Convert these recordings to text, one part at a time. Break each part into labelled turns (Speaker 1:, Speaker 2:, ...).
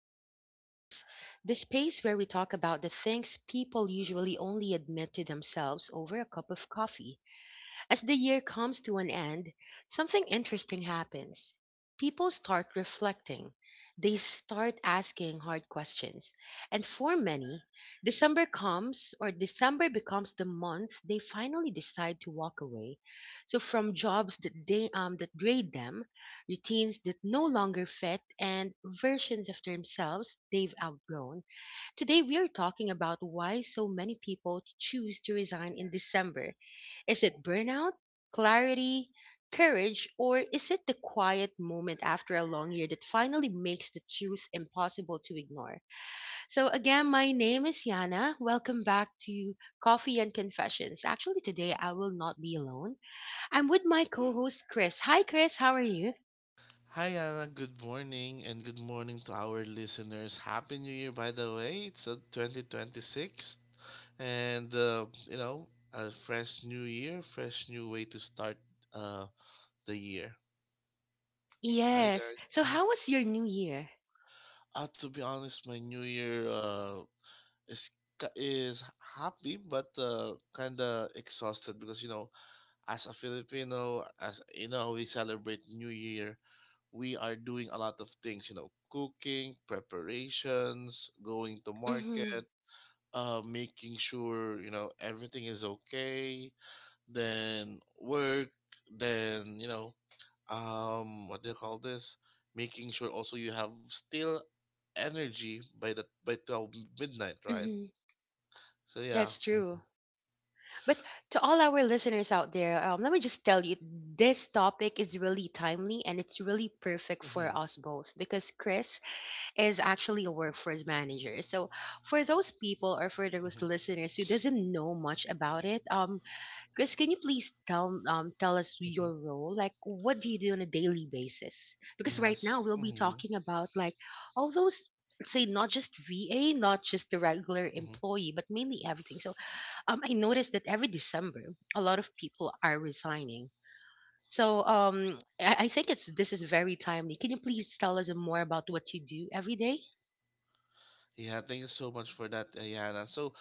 Speaker 1: and Confessions, the space where we talk about the things people usually only admit to themselves over a cup of coffee. As the year comes to an end, something interesting happens. People start reflecting. They start asking hard questions. And for many, December comes or December becomes the month they finally decide to walk away. So from jobs that they that grade them, routines that no longer fit, and versions of themselves they've outgrown. Today we are talking about why so many people choose to resign in December. Is it burnout, clarity, courage, or is it the quiet moment after a long year that finally makes the truth impossible to ignore? So, again, my name is Yana. Welcome back to Coffee and Confessions. Actually, today I will not be alone. I'm with my co host, Chris. Hi, Chris. How are you?
Speaker 2: Hi, Anna. Good morning, and good morning to our listeners. Happy New Year, by the way. It's 2026, and a fresh new year, fresh new way to start uh, the year. Hi,
Speaker 1: Yes.
Speaker 2: guys.
Speaker 1: So,
Speaker 2: Mhm.
Speaker 1: how was your new year?
Speaker 2: To be honest, my new year is is happy but kind of exhausted because you know, as a Filipino, as you know, we celebrate New Year, we are doing a lot of things, you know, cooking, preparations, going to
Speaker 1: Mm-hmm.
Speaker 2: market, making sure, you know, everything is okay, then work, then, what do you call this? Making sure also you have still energy by the by 12 midnight, right?
Speaker 1: Mm-hmm.
Speaker 2: So yeah.
Speaker 1: That's
Speaker 2: Mm-hmm.
Speaker 1: true. But to all our listeners out there, let me just tell you, this topic is really timely and it's really perfect for
Speaker 2: Mm-hmm.
Speaker 1: us both because Chris is actually a workforce manager. So for those people or for those
Speaker 2: Mm-hmm.
Speaker 1: listeners who doesn't know much about it, Chris, can you please tell us
Speaker 2: Mm-hmm.
Speaker 1: your role? Like, what do you do on a daily basis? Because right
Speaker 2: Yes.
Speaker 1: now we'll be
Speaker 2: Mm-hmm.
Speaker 1: talking about like all those, say, not just VA, not just the regular
Speaker 2: Mm-hmm.
Speaker 1: employee, but mainly everything. So I noticed that every December, a lot of people are resigning. So I think it's this is very timely. Can you please tell us more about what you do every day?
Speaker 2: Yeah, thank you so much for that, Ayana. So,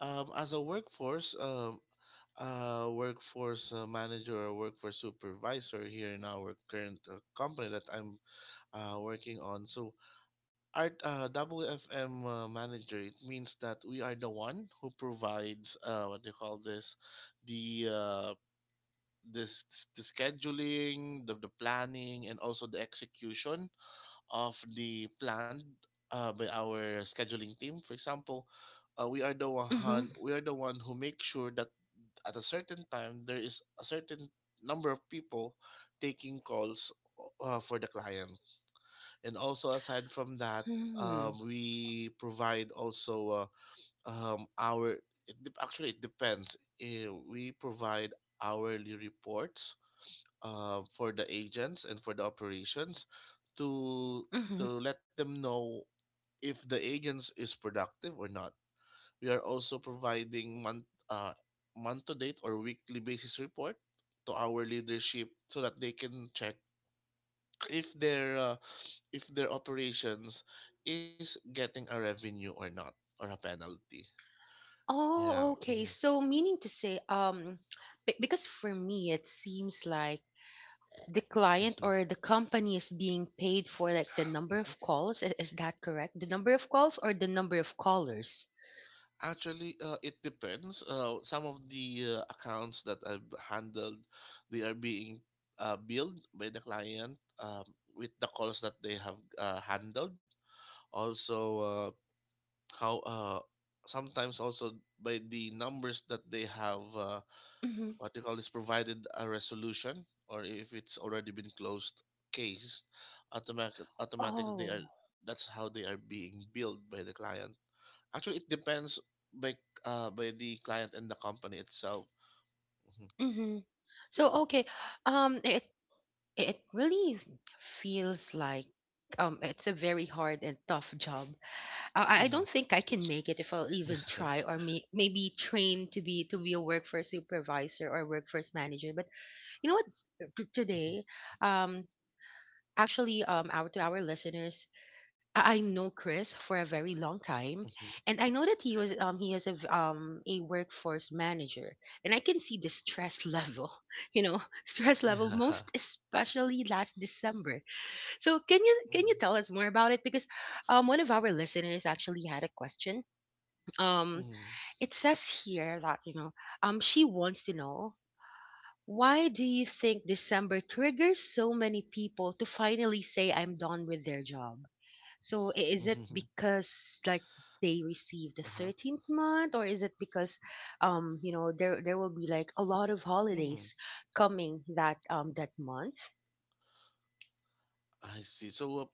Speaker 2: As a workforce, workforce manager or workforce supervisor here in our current company that I'm working on. So, our WFM manager, it means that we are the one who provides what they call this, the uh, this the scheduling, the planning, and also the execution of the plan by our scheduling team. For example,
Speaker 1: Mm-hmm.
Speaker 2: we are the one who make sure that at a certain time there is a certain number of people taking calls for the client. And also aside from that,
Speaker 1: Hmm.
Speaker 2: we provide also uh, um, our actually it depends. Eh, we provide hourly reports for the agents and for the operations to
Speaker 1: Mm-hmm.
Speaker 2: let them know if the agents is productive or not. We are also providing month to date or weekly basis report to our leadership so that they can check if their uh, if their operations is getting a revenue or not, or a penalty. Yeah.
Speaker 1: Oh, okay.
Speaker 2: hmm
Speaker 1: So meaning to say, because for me it seems like the client
Speaker 2: hmm
Speaker 1: or the company is being paid for like the number of calls. Is that correct? The number of calls or the number of callers?
Speaker 2: Actually, it depends. Some of the accounts that I've handled, they are being billed by the client with the calls that they have handled. Also, how sometimes also by the numbers that they have,
Speaker 1: Hmm.
Speaker 2: what you call is provided a resolution, or if it's already been closed case, automatically they are,
Speaker 1: Oh.
Speaker 2: that's how they are being billed by the client. Actually, it depends by by the client and the company itself. Mhm.
Speaker 1: Hmm. So okay, um, it it really feels like it's a very hard and tough job. I
Speaker 2: Mhm.
Speaker 1: don't think I can make it if I'll even try, or maybe train to be a workforce supervisor or workforce manager. But you know what?
Speaker 2: Mhm.
Speaker 1: Today, um, our to our listeners, I know Chris for a very long time,
Speaker 2: Mhm.
Speaker 1: and I know that he is a a workforce manager, and I can see the stress level, you know, stress level,
Speaker 2: Yeah.
Speaker 1: most especially last December. So
Speaker 2: Mhm.
Speaker 1: can you tell us more about it? Because one of our listeners actually had a question. Um,
Speaker 2: Mhm.
Speaker 1: it says here that, you know, she wants to know, why do you think December triggers so many people to finally say I'm done with their job? So is it
Speaker 2: Mhm.
Speaker 1: because like they receive the
Speaker 2: Uh-huh.
Speaker 1: 13th month, or is it because you know there will be like a lot of
Speaker 2: Mhm.
Speaker 1: holidays coming that that month?
Speaker 2: I see. So,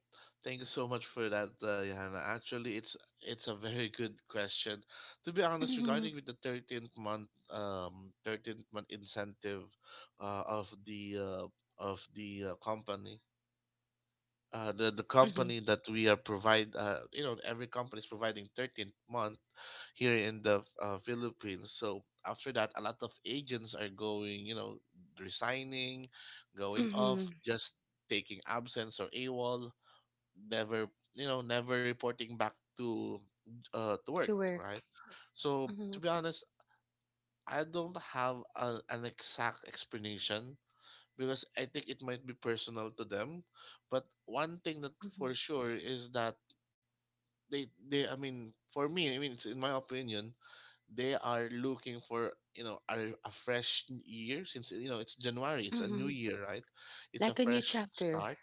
Speaker 2: thank you so much for that, Johanna. Actually, it's a very good question. To be honest,
Speaker 1: Mhm.
Speaker 2: regarding with the 13th month, 13th month incentive, uh, of the uh, of the company, the
Speaker 1: Mhm.
Speaker 2: company that we are provide, you know, every company is providing 13th month here in the Philippines, so after that a lot of agents are going, you know, resigning, going off,
Speaker 1: Mhm.
Speaker 2: just taking absence or AWOL, never, you know, never reporting back to work,
Speaker 1: To work.
Speaker 2: right? So to
Speaker 1: Mhm.
Speaker 2: be honest, I don't have an exact explanation because I think it might be personal to them. But one thing that
Speaker 1: Mhm.
Speaker 2: for sure is that they I mean, for me, I mean, it's in my opinion, they are looking for, you know, a fresh year, since you know it's January, it's a new
Speaker 1: Mhm.
Speaker 2: year, right? It's a
Speaker 1: Like a new
Speaker 2: fresh
Speaker 1: chapter.
Speaker 2: start.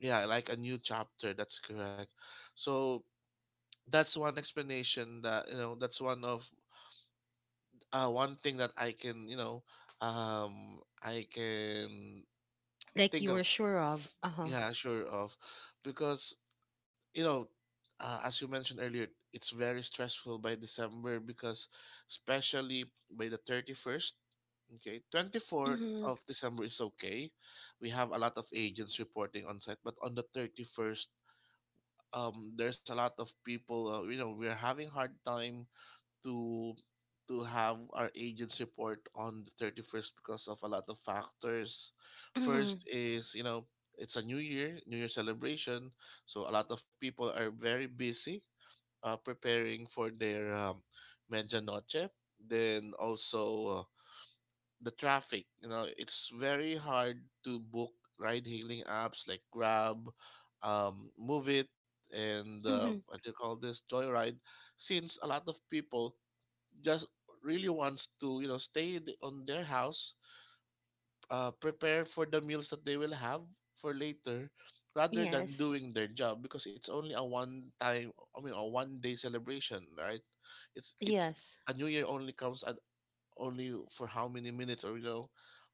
Speaker 2: Yeah, like a new chapter, that's correct. So that's one explanation that, you know, that's one of one thing that I can, you know, I can
Speaker 1: Like
Speaker 2: think.
Speaker 1: you were sure of. Uh-huh.
Speaker 2: Yeah, sure of. Because, you know, as you mentioned earlier, it's very stressful by December because, especially by the 31st, okay, 24th
Speaker 1: Mhm.
Speaker 2: of December is okay. We have a lot of agents reporting on site, but on the 31st, there's a lot of people, you know, we're having hard time to have our agents report on the 31st because of a lot of factors.
Speaker 1: Mhm.
Speaker 2: First is, you know, it's a new year celebration, so a lot of people are very busy preparing for their medianoche. Then also the traffic, you know, it's very hard to book ride hailing apps like Grab, Move It, and
Speaker 1: Mhm.
Speaker 2: what do you call this, Joyride, since a lot of people just really wants to, you know, stay in on their house, prepare for the meals that they will have for later rather than
Speaker 1: Yes.
Speaker 2: doing their job, because it's only a one time, I mean a one day celebration, right? it's it
Speaker 1: Yes.
Speaker 2: A new year only comes at only for how many minutes, or, you know,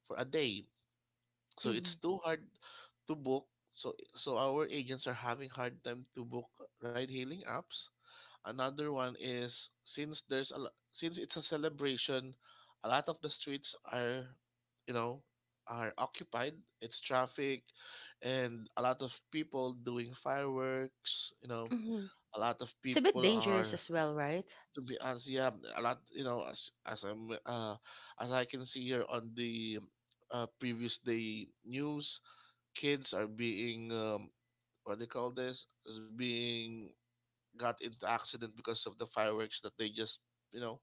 Speaker 2: for a day, so it's
Speaker 1: Mhm.
Speaker 2: too hard to book. So our agents are having hard time to book ride hailing apps. Another one is, since since it's a celebration, a lot of the streets are, you know, are occupied. It's traffic, and a lot of people doing fireworks. You know,
Speaker 1: Mhm.
Speaker 2: a lot of
Speaker 1: It's a
Speaker 2: people
Speaker 1: bit dangerous
Speaker 2: are
Speaker 1: as well, right?
Speaker 2: to be honest, yeah, a lot. You know, as I'm as I can see here on the previous day news, kids are being what do you call this? Is being got into accident because of the fireworks that they just, you know,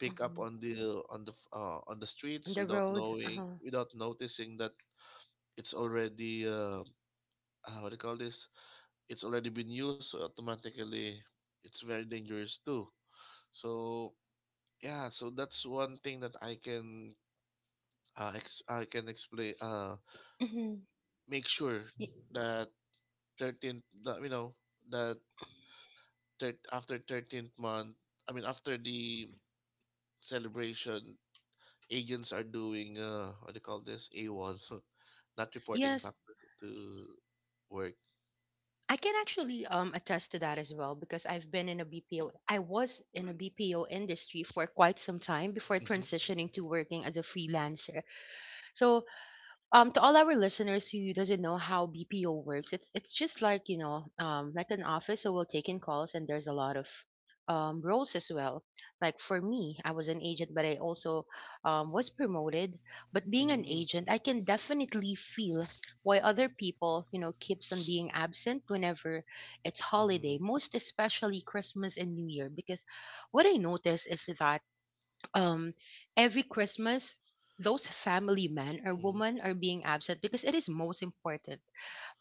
Speaker 2: pick up
Speaker 1: Mhm.
Speaker 2: on the on the on the
Speaker 1: On
Speaker 2: streets
Speaker 1: the
Speaker 2: without
Speaker 1: road.
Speaker 2: knowing,
Speaker 1: Uh-huh.
Speaker 2: without noticing that it's already what do you call this, it's already been used, so automatically it's very dangerous too. So yeah, so that's one thing that I can I can explain,
Speaker 1: Mhm.
Speaker 2: make sure
Speaker 1: Y-
Speaker 2: that 13th that, you know, that after 13th month, I mean after the celebration, agents are doing, what do you call this, AWOL, not reporting
Speaker 1: Yes,
Speaker 2: back to work.
Speaker 1: I can actually attest to that as well because I've been in a BPO. I was in a BPO industry for quite some time before
Speaker 2: Mm-hmm.
Speaker 1: transitioning to working as a freelancer. So to all our listeners who doesn't know how BPO works, it's just like, you know, like an office, so we'll take in calls, and there's a lot of roles as well. Like for me, I was an agent, but I also was promoted. But being an
Speaker 2: Mm-hmm.
Speaker 1: agent, I can definitely feel why other people, you know, keeps on being absent whenever it's
Speaker 2: Mm-hmm.
Speaker 1: holiday, most especially Christmas and New Year, because what I notice is that um every Christmas, those family men or
Speaker 2: Mm-hmm.
Speaker 1: women are being absent because it is most important.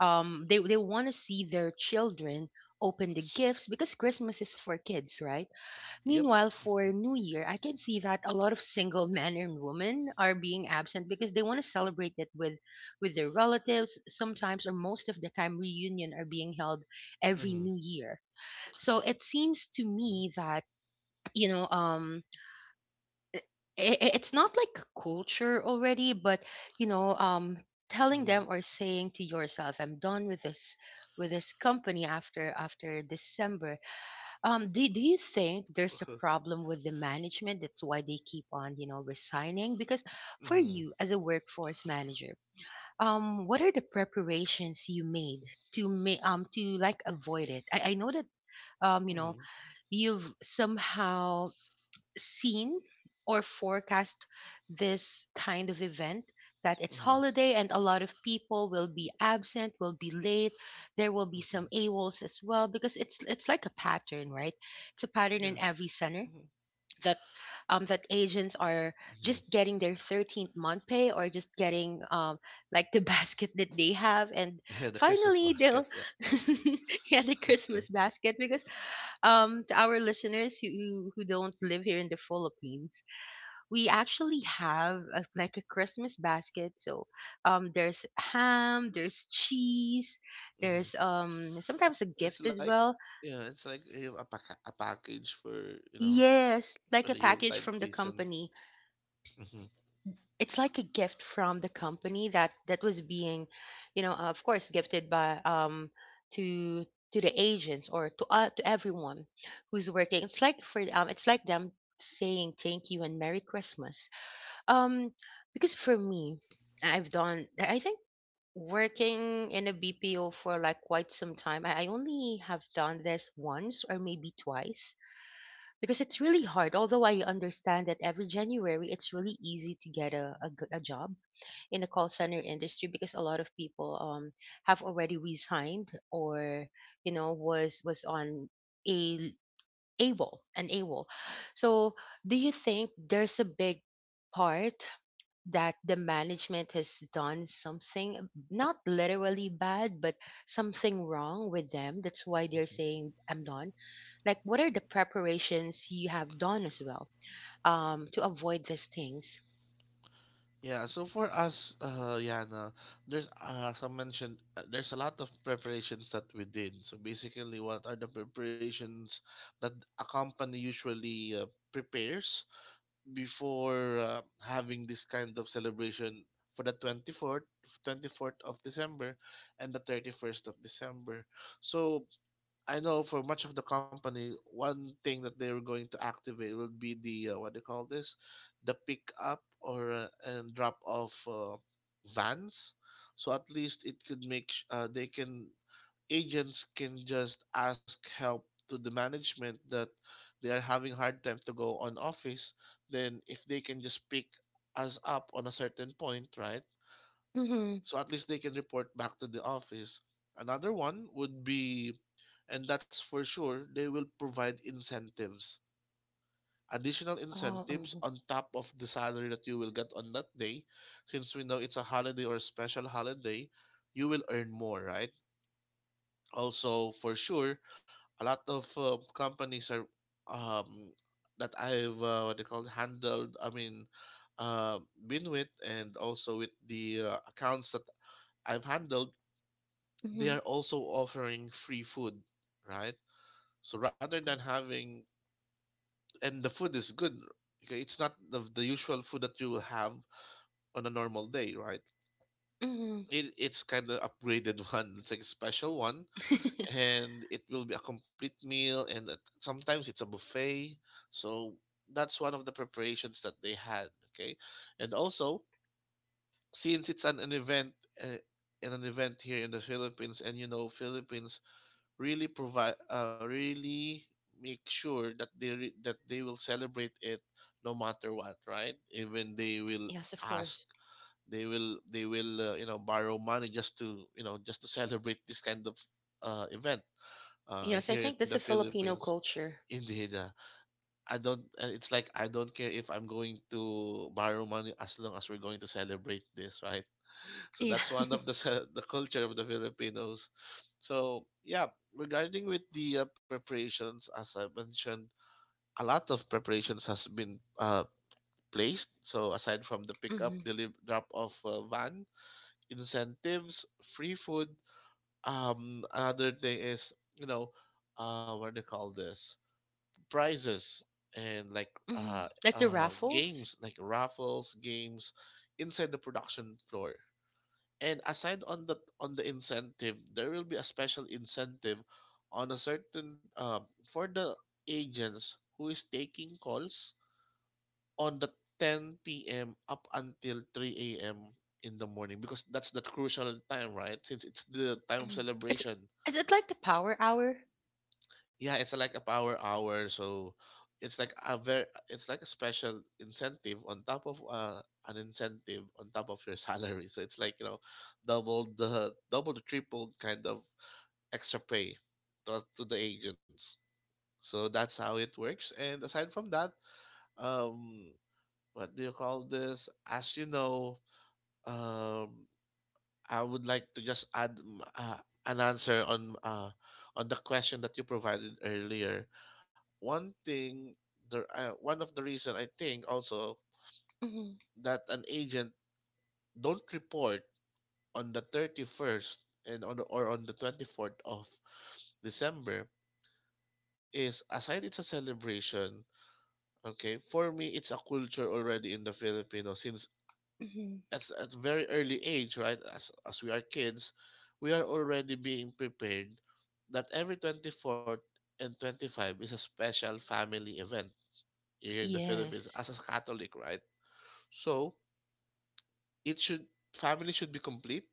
Speaker 1: They want to see their children open the gifts because Christmas is for kids, right?
Speaker 2: Yep.
Speaker 1: Meanwhile, for New Year, I can see that a lot of single men and women are being absent because they want to celebrate it with their relatives. Sometimes, or most of the time, reunion are being held every
Speaker 2: Mm-hmm.
Speaker 1: New Year. So it seems to
Speaker 2: Mm-hmm.
Speaker 1: me that, you know, i- it's not like culture already, but, you know, telling
Speaker 2: Mm-hmm.
Speaker 1: them or saying to yourself, I'm done with this, with this company after December. Do you think there's a
Speaker 2: Uh-huh.
Speaker 1: problem with the management, that's why they keep on, you know, resigning? Because for
Speaker 2: Mm-hmm.
Speaker 1: you as a workforce manager, what are the preparations you made to like avoid it? I know that you know,
Speaker 2: Mm-hmm.
Speaker 1: you've somehow seen or forecast this kind of event, that it's
Speaker 2: Mm-hmm.
Speaker 1: holiday and a lot of people will be absent, will be late, there will be
Speaker 2: Mm-hmm.
Speaker 1: some awols as well, because it's like a pattern, right? It's a pattern
Speaker 2: Yeah.
Speaker 1: in every center,
Speaker 2: Mm-hmm.
Speaker 1: that that agents are
Speaker 2: Mm-hmm.
Speaker 1: just getting their 13th month pay, or just getting like the basket that they have, and
Speaker 2: Yeah, the Christmas
Speaker 1: finally
Speaker 2: basket.
Speaker 1: they'll
Speaker 2: Yeah.
Speaker 1: get the Christmas basket. Because to our listeners who who don't live here in the Philippines, we actually have a, like a Christmas basket. So there's ham, there's cheese,
Speaker 2: mm-hmm.
Speaker 1: there's sometimes a
Speaker 2: It's
Speaker 1: gift as
Speaker 2: like,
Speaker 1: well.
Speaker 2: yeah, it's like you have a package for, you know,
Speaker 1: Yes,
Speaker 2: for
Speaker 1: like
Speaker 2: the
Speaker 1: a package
Speaker 2: Yuletide
Speaker 1: from the
Speaker 2: season.
Speaker 1: company.
Speaker 2: Mm-hmm.
Speaker 1: It's like a gift from the company that was being, you know, of course gifted by, to to the agents or to everyone who's working. It's like for it's like them saying thank you and Merry Christmas. um because for me, I think, working in a BPO for like quite some time, I only have done this once or maybe twice, because it's really hard. Although I understand that every January it's really easy to get a job in the call center industry, because a lot of people have already resigned, or you know, was on a AWOL an AWOL. So do you think there's a big part that the management has done something, not literally bad, but something wrong with them, that's why they're
Speaker 2: Mm-hmm.
Speaker 1: saying I'm done? Like, what are the preparations you have done as well to avoid these things?
Speaker 2: Yeah, so for us, Yana, there's as I mentioned, there's a lot of preparations that we did. So basically, what are the preparations that a company usually prepares before having this kind of celebration for the 24th, 24th of December and the 31st of December? So I know for much of the company, one thing that they were going to activate will be the, what do you call this, the pick up or and drop off vans. So at least it could make sh- they can agents can just ask help to the management that they are having hard time to go on office. Then if they can just pick us up on a certain point, right?
Speaker 1: Mm-hmm.
Speaker 2: So at least they can report back to the office. Another one would be, and that's for sure, they will provide incentives. Additional incentives
Speaker 1: Oh.
Speaker 2: on top of the salary that you will get on that day. Since we know it's a holiday or a special holiday, you will earn more, right? Also, for sure, a lot of companies are um, that I've what they call handled. I mean, uh, been with, and also with the accounts that I've handled, they
Speaker 1: Mm-hmm.
Speaker 2: are also offering free food, right? So rather than having, and the food is good, okay, it's not the usual food that you will have on a normal day, right?
Speaker 1: Mm-hmm.
Speaker 2: It's kind of upgraded one, it's like a special one, and it will be a complete meal. And sometimes it's a buffet, so that's one of the preparations that they had. Okay, and also, since it's uh, an event here in the Philippines, and you know Philippines really provide, really make sure that that they will celebrate it no matter what, right? Even they will
Speaker 1: Yes, of
Speaker 2: ask
Speaker 1: course.
Speaker 2: they will, they will, you know, borrow money just to, you know, just to celebrate this kind of event
Speaker 1: Yes, I
Speaker 2: here in
Speaker 1: think
Speaker 2: the
Speaker 1: that's a Filipino
Speaker 2: Philippines.
Speaker 1: culture.
Speaker 2: Indeed. I don't. It's like, I don't care if I'm going to borrow money as long as we're going to celebrate this, right? So
Speaker 1: Yeah.
Speaker 2: that's one of the culture of the Filipinos. So yeah, regarding with the preparations, as I mentioned, a lot of preparations has been placed. So aside from the pickup,
Speaker 1: Hmm.
Speaker 2: deliver, drop off van, incentives, free food. Another thing is, you know, what do you call this? Prizes and like
Speaker 1: Hmm. Like the raffles.
Speaker 2: games like raffles games inside the production floor. And aside on the incentive, there will be a special incentive on a certain for the agents who is taking calls on the 10 p.m up until 3 a.m in the morning, because that's the crucial time, right? Since it's the time of
Speaker 1: Hmm. It's,
Speaker 2: celebration.
Speaker 1: is it like the power hour?
Speaker 2: Yeah, it's like a power hour. So it's like a special incentive on top of an incentive on top of your salary. So it's like, you know, double the triple kind of extra pay to the agents. So that's how it works. And aside from that, um what do you call this as you know um I would like to just add an answer on the question that you provided earlier. One thing, the one of the reason I think also
Speaker 1: Hmm.
Speaker 2: that an agent don't report on the 31st and on the, or on the 24th of December is, aside it's a celebration. Okay, for me it's a culture already in the Filipino, since
Speaker 1: Hmm.
Speaker 2: at very early age, right? As we are kids, we are already being prepared that every 24th and 25th is a special family event here in the Philippines
Speaker 1: Yes.
Speaker 2: as a Catholic, right? So it should family should be complete.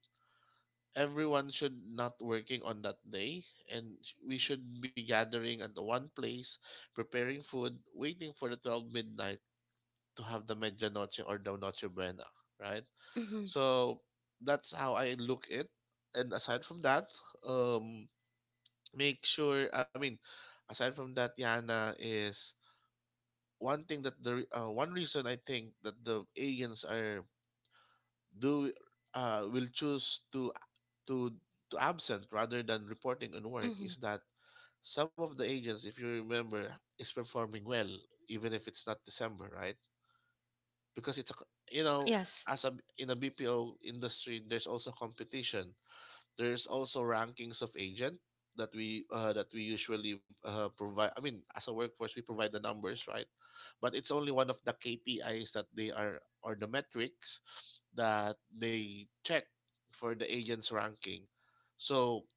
Speaker 2: Everyone should not working on that day, and we should be gathering at the one place, preparing food, waiting for the 12 midnight to have the medianoche or the noche buena, right?
Speaker 1: Hmm.
Speaker 2: So that's how I look it. And aside from that, um, make sure I mean, aside from that, Yana, is one thing that one reason I think that the aliens are do will choose to to absent rather than reporting on work.
Speaker 1: Hmm.
Speaker 2: Is that some of the agents, if you remember, is performing well even if it's not December, right? Because it's a, you
Speaker 1: Yes.
Speaker 2: know, as a in a BPO industry, there's also competition. There's also rankings of agent that we usually provide. I mean, as a workforce, we provide the numbers, right? But it's only one of the KPIs that they are or the metrics that they check for the agent's ranking. So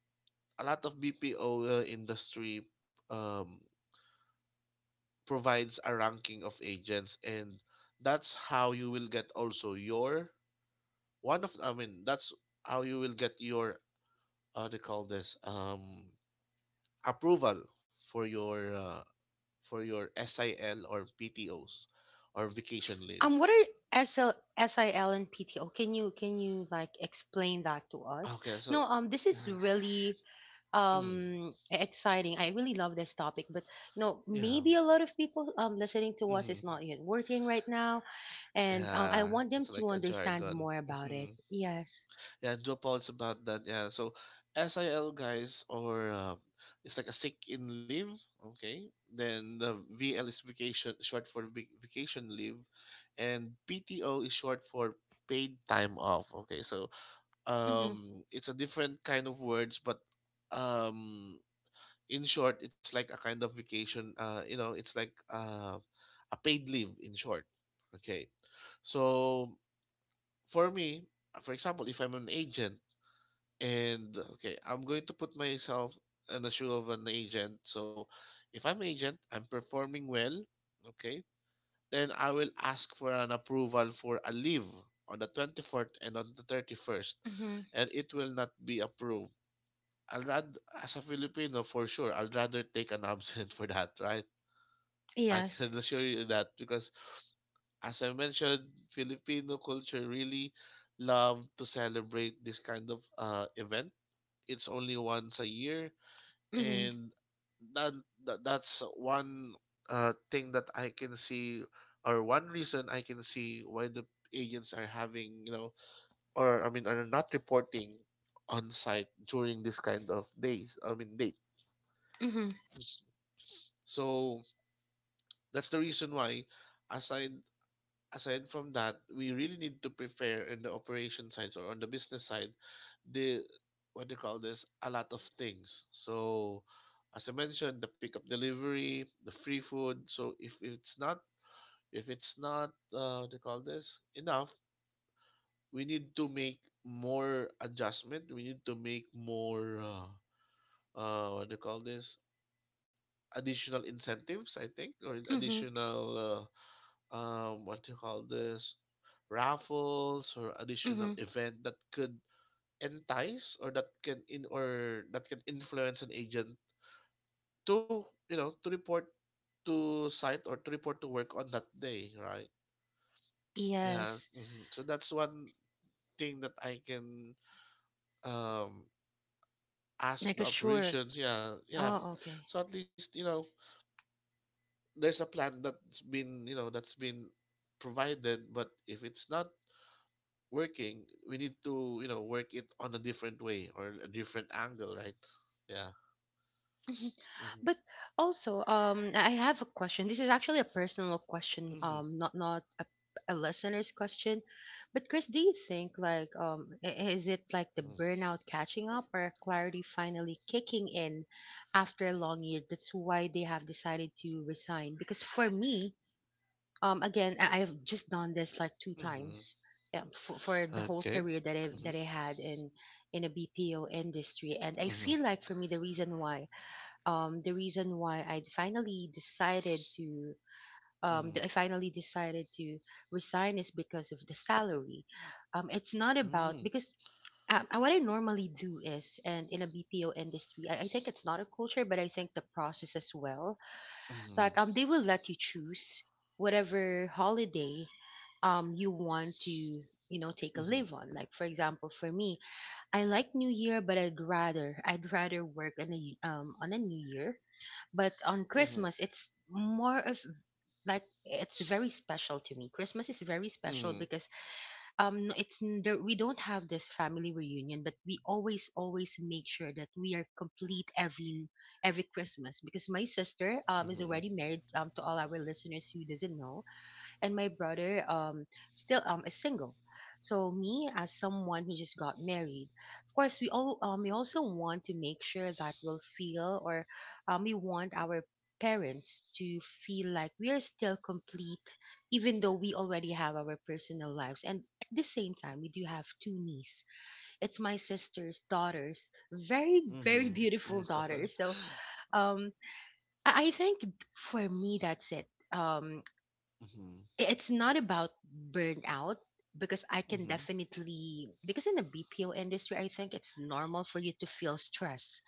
Speaker 2: a lot of BPO industry um, provides a ranking of agents, and that's how you will get also your one of. I mean, that's how you will get your how do you call this approval for your uh, for your SIL or PTOs or vacation leave.
Speaker 1: What are S L S I L and PTO? Can you like explain that to us?
Speaker 2: Okay, so
Speaker 1: No. This is
Speaker 2: mhm,
Speaker 1: really
Speaker 2: mm,
Speaker 1: exciting. I really love this topic, but no,
Speaker 2: yeah,
Speaker 1: maybe a lot of people listening to us
Speaker 2: hmm
Speaker 1: is not yet working right now, and I
Speaker 2: yeah,
Speaker 1: want them
Speaker 2: it's
Speaker 1: to
Speaker 2: like a
Speaker 1: understand
Speaker 2: jargon.
Speaker 1: more about it.
Speaker 2: Hmm,
Speaker 1: Yes.
Speaker 2: yeah, do apologize about that. Yeah, so SIL guys or it's like a sick in leave. Okay, then the VL is vacation, short for vacation leave, and PTO is short for paid time off. Okay, so
Speaker 1: Mhm.
Speaker 2: it's a different kind of words, but um in short, it's like a kind of vacation, you know, it's like a paid leave in short. Okay, so for me, for example, if I'm an agent, and okay, I'm going to put myself in the shoe of an agent. So if I'm agent, I'm performing well, okay, then I will ask for an approval for a leave on the 24th and on the 31st,
Speaker 1: Mhm.
Speaker 2: and it will not be approved. I'd rather, as a Filipino, for sure, I'd rather take an absent for that, right? I
Speaker 1: Yes.
Speaker 2: can assure you that, because as I mentioned, Filipino culture really love to celebrate this kind of event. It's only once a year,
Speaker 1: Mhm.
Speaker 2: and that, that's one thing that I can see, or one reason I can see why the agents are having, you know, or I mean, are not reporting on site during this kind of days. I mean, dates.
Speaker 1: Mhm.
Speaker 2: So that's the reason why, aside aside from that, we really need to prepare in the operation sides or on the business side, the what do you call this? A lot of things. So as I mentioned, the pickup delivery, the free food. So if it's not, if it's not what do you call this, enough, we need to make more adjustment. We need to make more what do you call this, additional incentives, I think, or
Speaker 1: Mhm.
Speaker 2: additional what do you call this, raffles or additional
Speaker 1: Mhm.
Speaker 2: event that could entice or that can influence an agent to, you know, to report to site or to report to work on that day, right? Yeah,
Speaker 1: Yes.
Speaker 2: mhm. So that's one thing that I can um ask
Speaker 1: Like
Speaker 2: the
Speaker 1: a sure.
Speaker 2: operations. Yeah, yeah.
Speaker 1: Oh, okay.
Speaker 2: So at least, you know, there's a plan that's been, you know, that's been provided, but if it's not working, we need to, you know, work it on a different way or a different angle, right? Yeah. Mm-hmm.
Speaker 1: But also, I have a question. This is actually a personal question,
Speaker 2: Mm-hmm.
Speaker 1: not a listener's question. But Chris, do you think like is it like the burnout catching up, or clarity finally kicking in after a long year? That's why they have decided to resign. Because for me, again, I've just done this like two
Speaker 2: Mm-hmm.
Speaker 1: times. Yeah, for the whole
Speaker 2: Okay.
Speaker 1: career that I
Speaker 2: Mm-hmm.
Speaker 1: that I had in a BPO industry, and I
Speaker 2: Mm-hmm.
Speaker 1: feel like for me the reason why, the reason why I finally decided to I finally decided to resign is because of the salary. It's not about
Speaker 2: Mm-hmm.
Speaker 1: because what I normally do is, and in a BPO industry, I think it's not a culture, but I think the process as well, that
Speaker 2: Mm-hmm.
Speaker 1: they will let you choose whatever holiday you want to, you know, take a
Speaker 2: Mm-hmm.
Speaker 1: leave on. Like for example for me, I like New Year, but I'd rather work on on a New Year. But on
Speaker 2: Mm-hmm.
Speaker 1: Christmas, it's more of like, it's very special to me. Christmas is very special
Speaker 2: Mm-hmm.
Speaker 1: because there, we don't have this family reunion, but we always make sure that we are complete every Christmas, because my sister is
Speaker 2: Mm-hmm.
Speaker 1: already married, to all our listeners who doesn't know, and my brother still is single. So me as someone who just got married, of course we also want to make sure that we'll feel or we want our parents to feel like we are still complete, even though we already have our personal lives. And at the same time, we do have two nieces. It's my sister's daughters, very very
Speaker 2: Mm-hmm.
Speaker 1: beautiful
Speaker 2: Mm-hmm.
Speaker 1: daughters. So um I think for me that's it.
Speaker 2: Mm-hmm.
Speaker 1: It's not about burnout, because I can
Speaker 2: Mm-hmm.
Speaker 1: definitely, because in the BPO industry I think it's normal for you to feel stress.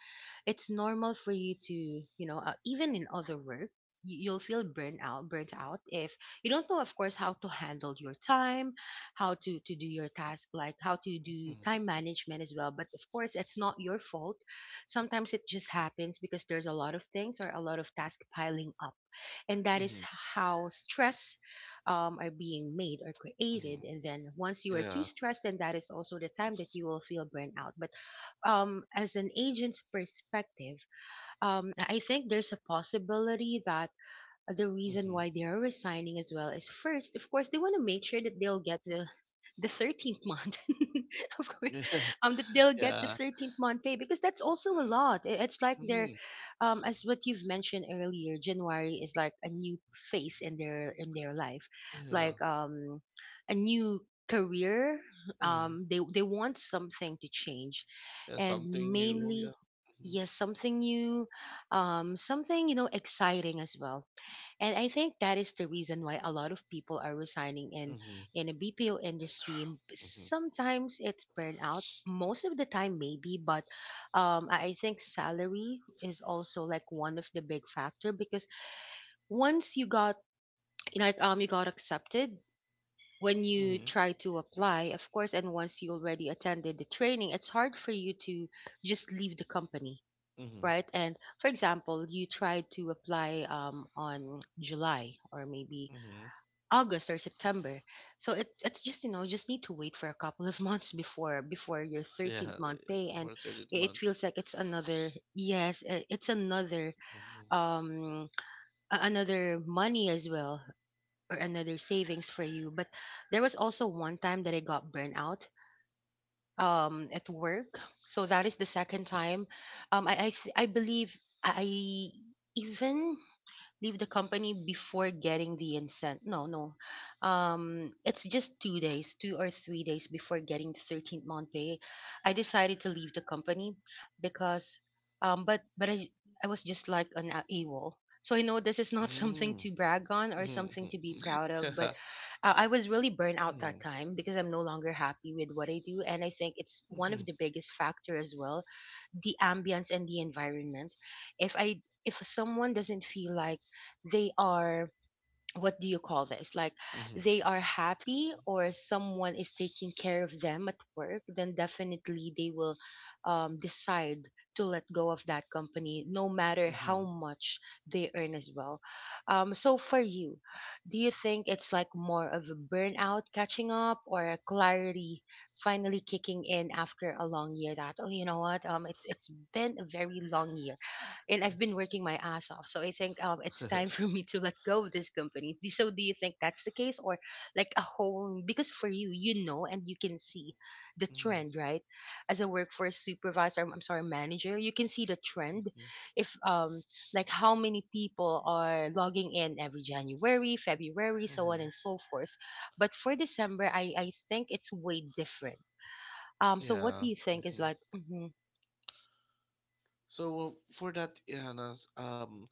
Speaker 1: It's normal for you to, even in other work, you'll feel burnt out if you don't know, of course, how to handle your time, how to do your task, like how to do time
Speaker 2: Mm-hmm.
Speaker 1: management as well, but of course it's not your fault. Sometimes it just happens because there's a lot of things or a lot of tasks piling up, and that
Speaker 2: Mm-hmm.
Speaker 1: is how stress are being made or created.
Speaker 2: Mm-hmm.
Speaker 1: And then once you are too
Speaker 2: Yeah.
Speaker 1: stressed, then that is also the time that you will feel burnout. But as an agent's perspective, I think there's a possibility that the
Speaker 2: Mm-hmm.
Speaker 1: reason why they are resigning as well is, first of course, they want to make sure that they'll get the 13th month, of course,
Speaker 2: Yeah.
Speaker 1: that they'll get the
Speaker 2: Yeah.
Speaker 1: 13th month pay, because that's also a lot. It's like they're,
Speaker 2: Mm-hmm.
Speaker 1: as what you've mentioned earlier, January is like a new phase in their life,
Speaker 2: Yeah.
Speaker 1: like a new career.
Speaker 2: Mm-hmm.
Speaker 1: They want something to change,
Speaker 2: Yeah,
Speaker 1: and
Speaker 2: something new. Yeah.
Speaker 1: mainly. Yes, something new, something you know exciting as well. And I think that is the reason why a lot of people are resigning
Speaker 2: Mm-hmm.
Speaker 1: in a BPO industry.
Speaker 2: Mm-hmm.
Speaker 1: Sometimes it's burnout, most of the time maybe, but I think salary is also like one of the big factor, because once you got like you got accepted when you
Speaker 2: Mm-hmm.
Speaker 1: try to apply, of course, and once you already attended the training, it's hard for you to just leave the company.
Speaker 2: Mm-hmm.
Speaker 1: Right, and for example, you tried to apply on July or maybe
Speaker 2: Mm-hmm.
Speaker 1: August or September. So it, it's just you know you just need to wait for a couple of months before your 13th
Speaker 2: Yeah,
Speaker 1: month
Speaker 2: eh,
Speaker 1: pay. And
Speaker 2: for a third
Speaker 1: it
Speaker 2: month.
Speaker 1: feels like it's another yes it's another
Speaker 2: Mm-hmm.
Speaker 1: um another money as well or another savings for you. But there was also one time that I got burned out at work, so that is the second time I believe I even leave the company before getting the incent. No, no. It's just 2 days, 2 or 3 days before getting the 13th month pay. I decided to leave the company because, but I was just like an AWOL. So I know this is not something
Speaker 2: Mm-hmm.
Speaker 1: to brag on or
Speaker 2: Mm-hmm.
Speaker 1: something to be proud of, but I was really burned out that
Speaker 2: Mm-hmm.
Speaker 1: time because I'm no longer happy with what I do. And I think it's one of
Speaker 2: Mm-hmm.
Speaker 1: the biggest factor as well, the ambience and the environment. If I, if someone doesn't feel like they are, what do you call this, like they are happy or someone is taking care of them at work, then definitely they will decide to let go of that company, no matter how
Speaker 2: Mm-hmm.
Speaker 1: much they earn as well. So for you, do you think it's like more of a burnout catching up or a clarity finally kicking in after a long year, that oh you know what, it's been a very long year and I've been working
Speaker 2: Mm-hmm.
Speaker 1: my ass off. So I think it's time for me to let go of this company. So do you think that's the case, or like a whole? Because for you, you know, and you can see the
Speaker 2: Mm-hmm.
Speaker 1: trend, right? As a workforce supervisor, I'm sorry, manager, you can see the trend.
Speaker 2: Mm-hmm.
Speaker 1: If like how many people are logging in every January, February, so on
Speaker 2: Mm-hmm.
Speaker 1: and so forth. But for December, I think it's way different. So what do
Speaker 2: Yeah.
Speaker 1: you think is
Speaker 2: Mm-hmm.
Speaker 1: like? Hmm,
Speaker 2: So for that, Ihanas,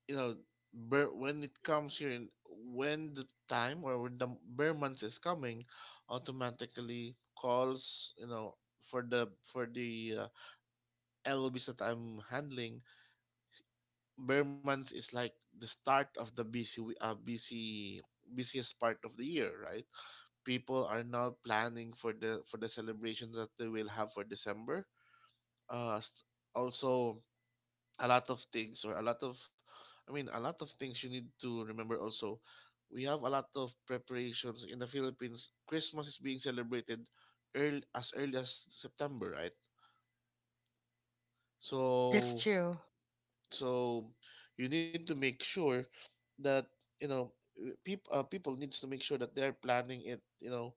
Speaker 2: you know, bear, when it comes here, in, when the time or when the bear month is coming, automatically calls, you know, for the for the LOBs that I'm handling, bear months is like the start of the busy w- busy busiest part of the year, right? People are now planning for the celebrations that they will have for December. Uh, s- Also, a lot of things or a lot of, I mean, a lot of things you need to remember. Also, we have a lot of preparations in the Philippines. Christmas is being celebrated early, as early as September, right?
Speaker 1: that's
Speaker 2: So
Speaker 1: true.
Speaker 2: so you need to make sure that, you know, people people needs to make sure that they're planning it, you know,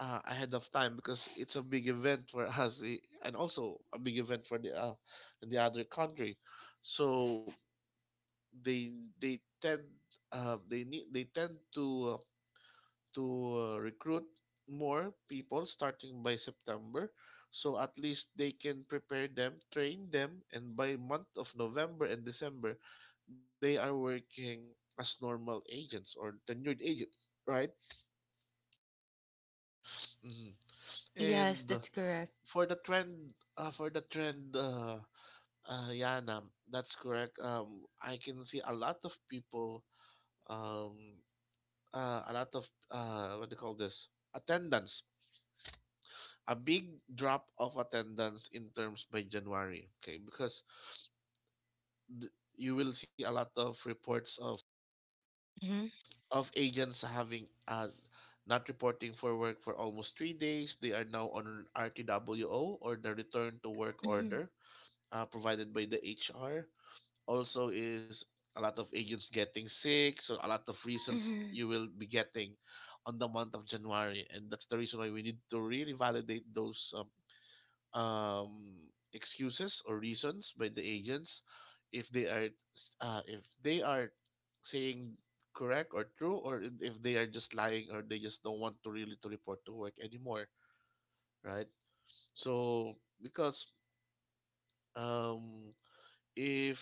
Speaker 2: ahead of time, because it's a big event for us, eh, and also a big event for the other country. So they they tend they need they tend to recruit more people starting by September. So at least they can prepare them, train them, and by month of November and December, they are working as normal agents or tenured agents, right? Mhm.
Speaker 1: Yes,
Speaker 2: And
Speaker 1: that's correct.
Speaker 2: for the trend, Yana, that's correct. I can see a lot of people, um, a lot of what do you call this? Attendance, a big drop of attendance in terms by January, okay? Because you will see a lot of reports of
Speaker 1: Mm-hmm.
Speaker 2: agents having not reporting for work for almost 3 days. They are now on an RTWO or the return to work order provided by the HR. Also, is a lot of agents getting sick, so a lot of reasons
Speaker 1: Mhm.
Speaker 2: you will be getting on the month of January, and that's the reason why we need to really validate those excuses or reasons by the agents, if they are s- uh, if they are saying correct or true, or if they are just lying or they just don't want to really to report to work anymore, right? So because um if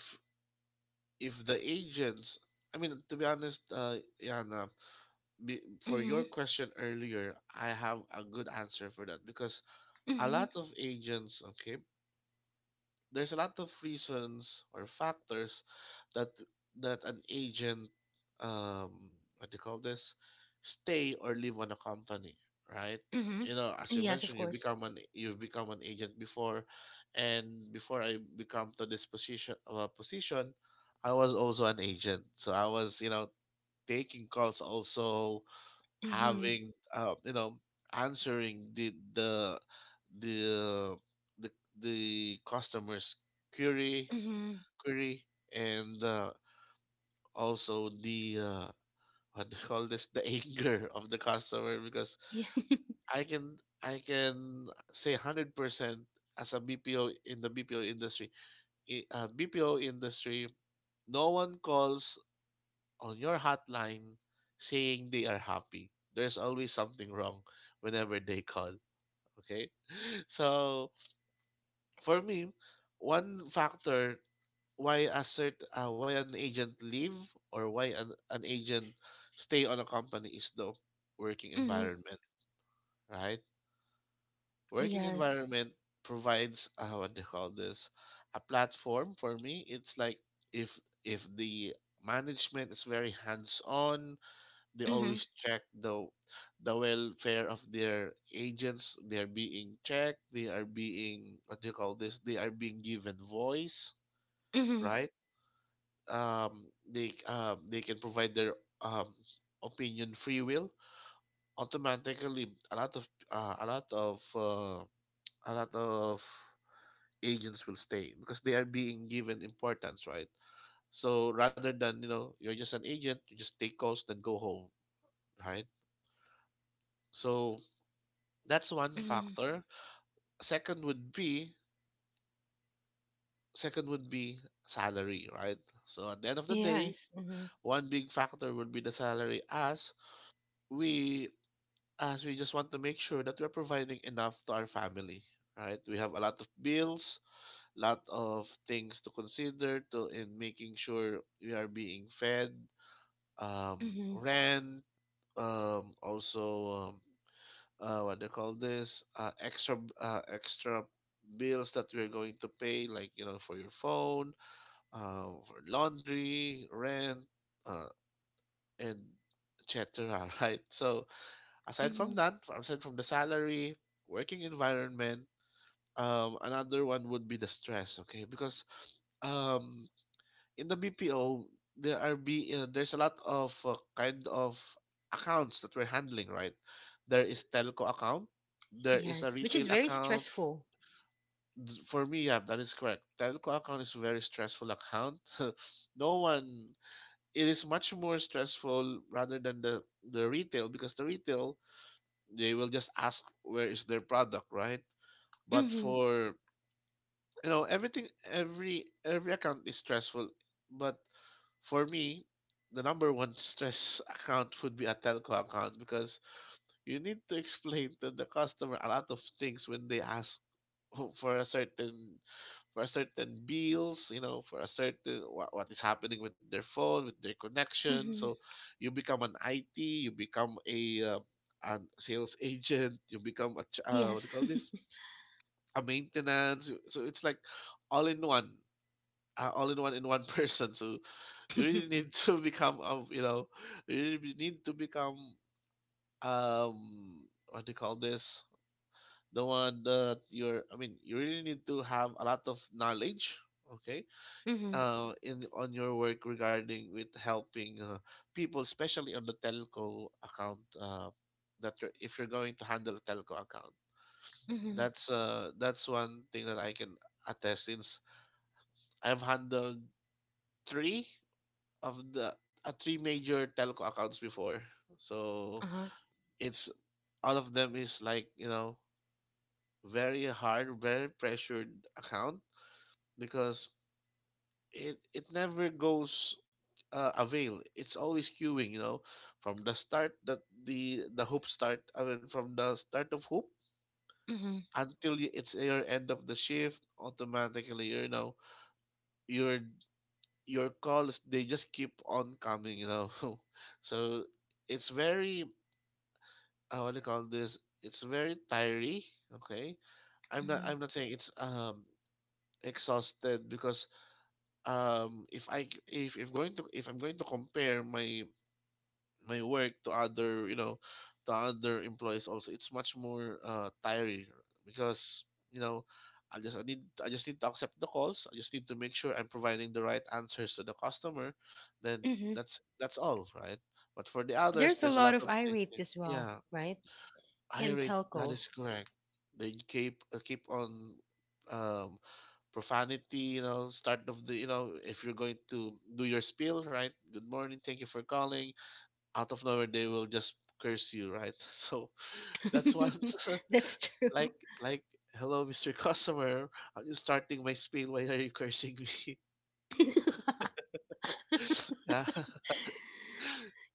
Speaker 2: if the agents, I mean, to be honest, Yana, be, for your
Speaker 1: Mhm.
Speaker 2: question earlier, I have a good answer for that. Because a
Speaker 1: Mhm.
Speaker 2: lot of agents, okay, there's a lot of reasons or factors that an agent um what do you call this, stay or leave on a company, right?
Speaker 1: Mhm.
Speaker 2: You know, as you
Speaker 1: Yes, of
Speaker 2: mentioned, you
Speaker 1: course.
Speaker 2: become an you've become an agent before, and before I become to this position, I was also an agent. So I was, you know, taking calls also,
Speaker 1: Mhm.
Speaker 2: having you know, answering the the, the customers query
Speaker 1: Mhm.
Speaker 2: query, and also the what do you call this, the anger of the customer. Because
Speaker 1: Yeah.
Speaker 2: I can say 100% as a bpo in the bpo industry, bpo industry, no one calls on your hotline saying they are happy. There's always something wrong whenever they call. Okay. So for me, one factor why why an agent leave or why an agent stay on a company is the working
Speaker 1: Mhm.
Speaker 2: environment, right? Working
Speaker 1: Yes.
Speaker 2: environment provides what they call this, a platform. For me, It's like if if the management is very hands on. They
Speaker 1: Mhm.
Speaker 2: always check the welfare of their agents. They are being checked, they are being, what do you call this, they are being given voice,
Speaker 1: Mhm.
Speaker 2: right? They they can provide their um opinion free will. Automatically, a lot of a lot of agents will stay because they are being given importance, right? So rather than, you know, you're just an agent, you just take calls then go home, right? So that's one
Speaker 1: Mhm.
Speaker 2: factor. Second would be, second would be salary, right? So at the end of the day,
Speaker 1: Yes. Mhm.
Speaker 2: one big factor would be the salary, we as we just want to make sure that we're providing enough to our family, right? We have a lot of bills, lot of things to consider to, in making sure we are being fed,
Speaker 1: Mhm.
Speaker 2: rent, also, what they call this, extra bills that you're going to pay like, you know, for your phone, for laundry rent, uh, and et cetera. Right, so aside from
Speaker 1: Mhm.
Speaker 2: that, aside from the salary, working environment, another one would be the stress. Okay, because um in the BPO, there are be there's a lot of kind of accounts that we're handling, right? There is telco account, there is a
Speaker 1: Yes, which is
Speaker 2: retail
Speaker 1: very
Speaker 2: account.
Speaker 1: stressful.
Speaker 2: For me, yeah, that is correct. Telco account is a very stressful account. No one, it is much more stressful rather than the retail, because the retail, they will just ask where is their product, right? But
Speaker 1: Mhm.
Speaker 2: for You know, everything, every account is stressful, but for me the number one stress account would be a telco account, because you need to explain to the customer a lot of things when they ask for a certain, bills, you know, for a certain, what is happening with their phone, with their connection.
Speaker 1: Mhm.
Speaker 2: So you become an IT, you become a, an sales agent, you become a what do
Speaker 1: Yes.
Speaker 2: you call this? A maintenance. So it's like all in one, in one person. So you really need to become, you really need to become, what do you call this, the one that you're I mean, you really need to have a lot of knowledge, okay,
Speaker 1: Mhm.
Speaker 2: in on your work regarding with helping people, especially on the telco account. That you're, if you're going to handle a telco account,
Speaker 1: Mhm.
Speaker 2: that's one thing that I can attest, since I've handled three of the three major telco accounts before. So
Speaker 1: Uh-huh.
Speaker 2: it's all of them is like, you know, very hard, very pressured account because it never goes avail. It's always queuing, you know, from the start that the hoop start. I mean, from the start of hoop
Speaker 1: Mhm.
Speaker 2: until it's your end of the shift. Automatically, you know, your calls, they just keep on coming, you know. So it's very, what do you call this? It's very tiring. Okay,
Speaker 1: Mhm.
Speaker 2: I'm not saying it's exhausted, because if I'm going to compare my work to other, you know, to other employees also, it's much more tiring, because, you know, I just need to accept the calls, I just need to make sure I'm providing the right answers to the customer, then
Speaker 1: Mhm.
Speaker 2: that's all right. But for the others,
Speaker 1: There's a
Speaker 2: there's a
Speaker 1: lot
Speaker 2: lot
Speaker 1: of
Speaker 2: of things,
Speaker 1: irate
Speaker 2: eh,
Speaker 1: as well,
Speaker 2: yeah.
Speaker 1: right? In
Speaker 2: Irate, that
Speaker 1: telco.
Speaker 2: is correct. They keep keep on um, profanity. You know, start of the, you know, if you're going to do your spiel, right? Good morning, thank you for calling. Out of nowhere, they will just curse you, right? So that's one.
Speaker 1: That's true.
Speaker 2: Like, hello, Mister, Customer, I'm just starting my spiel. Why are you cursing me? Yeah.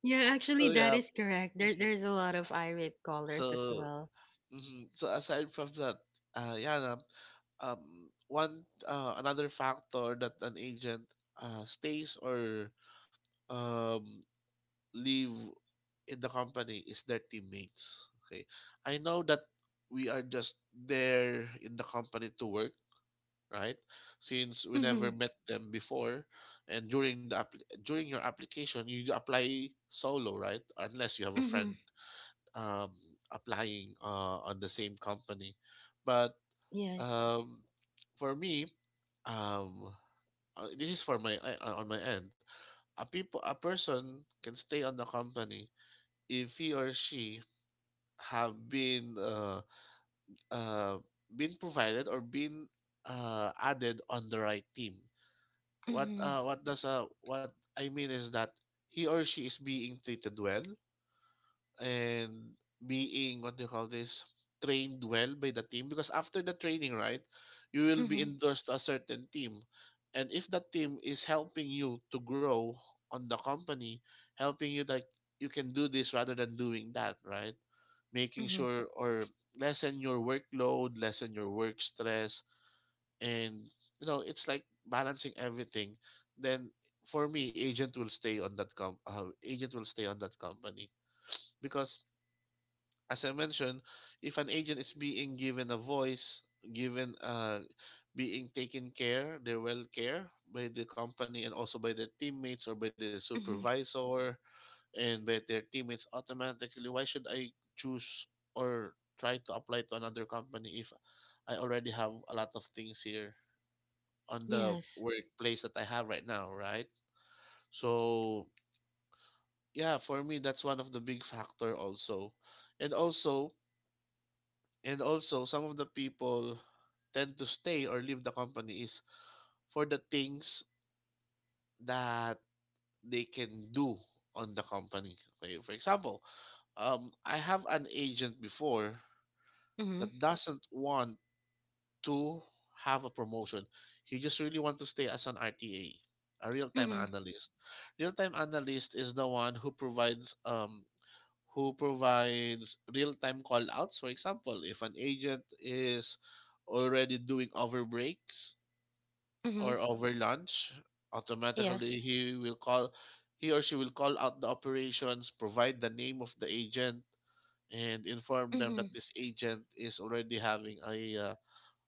Speaker 1: Yeah,
Speaker 2: So
Speaker 1: actually, that
Speaker 2: yeah.
Speaker 1: is correct. There,
Speaker 2: Mhm.
Speaker 1: there's a lot of irate
Speaker 2: So
Speaker 1: callers as well.
Speaker 2: mhm, so aside from that, uh, yeah, um, one, another factor that an agent stays or um leave in the company is their teammates. Okay, I know that we are just there in the company to work, right? Since we never
Speaker 1: Mm-hmm.
Speaker 2: met them before, and during the during your application, you apply solo, right? Unless you have a
Speaker 1: Mm-hmm.
Speaker 2: friend um applying on the same company. But
Speaker 1: Yes.
Speaker 2: um for me, um this is for on my end, a people a person can stay on the company if he or she have been, uh been provided or been added on the right team. what
Speaker 1: Mm-hmm.
Speaker 2: uh what does uh what I mean is that he or she is being treated well, and being, what do you call this, trained well by the team, because after the training, right, you will be
Speaker 1: Mm-hmm.
Speaker 2: endorsed to a certain team. And if that team is helping you to grow on the company, helping you like, you can do this rather than doing that, right? Making
Speaker 1: Mm-hmm.
Speaker 2: sure or lessen your workload, lessen your work stress, and, you know, it's like balancing everything, then for me agent will stay on that agent will stay on that company, because as I mentioned, if an agent is being given a voice, given, being taken care, their well care by the company and also by their teammates or by their
Speaker 1: Mm-hmm.
Speaker 2: supervisor and by their teammates, automatically, why should I choose or try to apply to another company if I already have a lot of things here on the
Speaker 1: Yes.
Speaker 2: workplace that I have right now, right? So yeah, for me that's one of the big factor also. And also, some of the people tend to stay or leave the company is for the things that they can do on the company. Okay, for example, I have an agent before
Speaker 1: Mm-hmm.
Speaker 2: that doesn't want to have a promotion. He just really want to stay as an RTA, a real-time
Speaker 1: Mm-hmm.
Speaker 2: analyst. Real-time analyst is the one who provides, who provides real-time call-outs. For example, if an agent is already doing over breaks
Speaker 1: Mm-hmm.
Speaker 2: or over lunch,
Speaker 1: Yes.
Speaker 2: automatically he will call, he or she will call out the operations, provide the name of the agent, and inform them
Speaker 1: Mm-hmm.
Speaker 2: that this agent is already having a,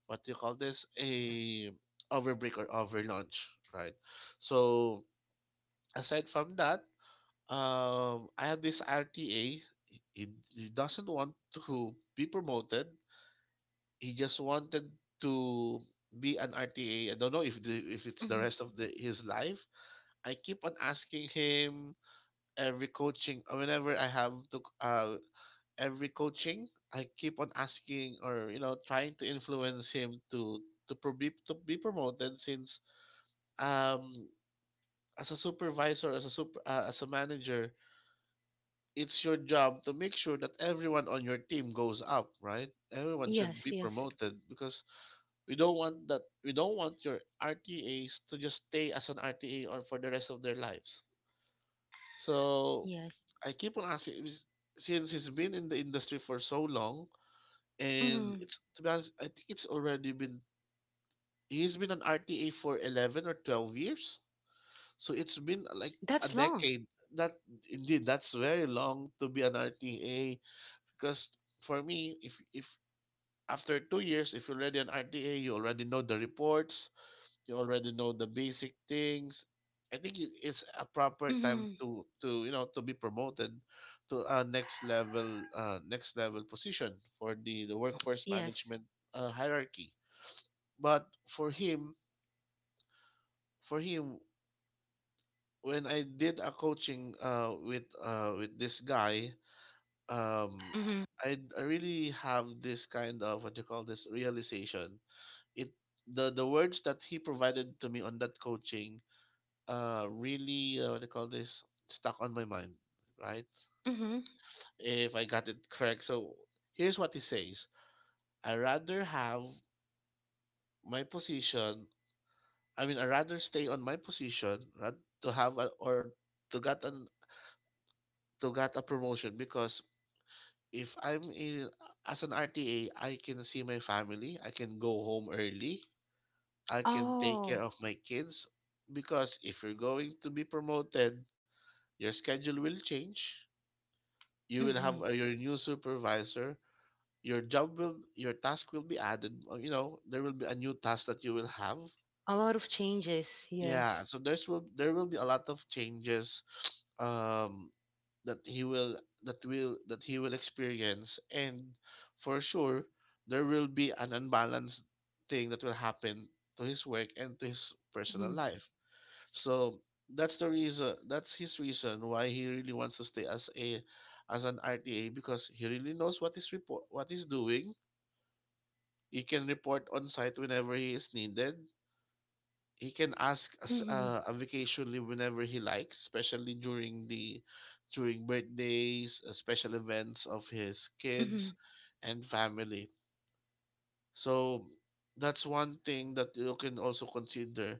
Speaker 2: what do you call this, a over break or over lunch, right? So aside from that, I have this RTA. He, he doesn't want to be promoted. He just wanted to be an RTA. I don't know if the if it's the
Speaker 1: Mm-hmm.
Speaker 2: rest of the his life. I keep on asking him every coaching, whenever I have to every coaching. I keep on asking or, you know, trying to influence him to pro- be to be promoted, since um as a supervisor, as a super as a manager, it's your job to make sure that everyone on your team goes up, right? Everyone should be
Speaker 1: Yes. Yes.
Speaker 2: promoted, because we don't want your RTAs to just stay as an RTA or for the rest of their lives. So
Speaker 1: Yes.
Speaker 2: I keep on asking since he's been in the industry for so long, and
Speaker 1: Mm-hmm.
Speaker 2: it's, to be honest, I think it's already been, he's been an RTA for 11 or 12 years. So it's been like a
Speaker 1: That's long.
Speaker 2: decade. That, indeed, that's very long to be an RTA, because for me, if after 2 years, if you're already an rta, you already know the reports, you already know the basic things. I think it's a proper time
Speaker 1: Mm-hmm.
Speaker 2: to, you know, to be promoted to a next level, next level position for the workforce
Speaker 1: Yes.
Speaker 2: management hierarchy. But for him, for him when I did a coaching with this guy, um
Speaker 1: Mm-hmm.
Speaker 2: I, really have this kind of, what you call this, realization. It The words that he provided to me on that coaching really, what do you call this, stuck on my mind, right?
Speaker 1: Mm-hmm.
Speaker 2: If I got it correct. So here's what he says. i rather have my position I mean, I rather stay on my position, right, to have a, or to get an to get a promotion, because if I'm in as an rta, I can see my family, I can go home early, I can take care
Speaker 1: Oh.
Speaker 2: of my kids. Because if you're going to be promoted, your schedule will change. You will have,
Speaker 1: Mm-hmm.
Speaker 2: your new supervisor. Your task will be added. You know, there will be a new task that you will have.
Speaker 1: A lot of changes.
Speaker 2: Yeah,
Speaker 1: Yes.
Speaker 2: so there will be a lot of changes, um, that he will that he will experience, and for sure there will be an unbalanced thing that will happen to his work and to his personal
Speaker 1: Mm-hmm.
Speaker 2: life. So that's the reason. That's his reason why he really wants to stay as a, as an RTA, because he really knows what he's report what he's doing. He can report on site whenever he is needed. He can ask
Speaker 1: Mm-hmm.
Speaker 2: a vacation leave whenever he likes, especially during the during birthdays, special events of his kids
Speaker 1: Mm-hmm.
Speaker 2: and family. So that's one thing that you can also consider,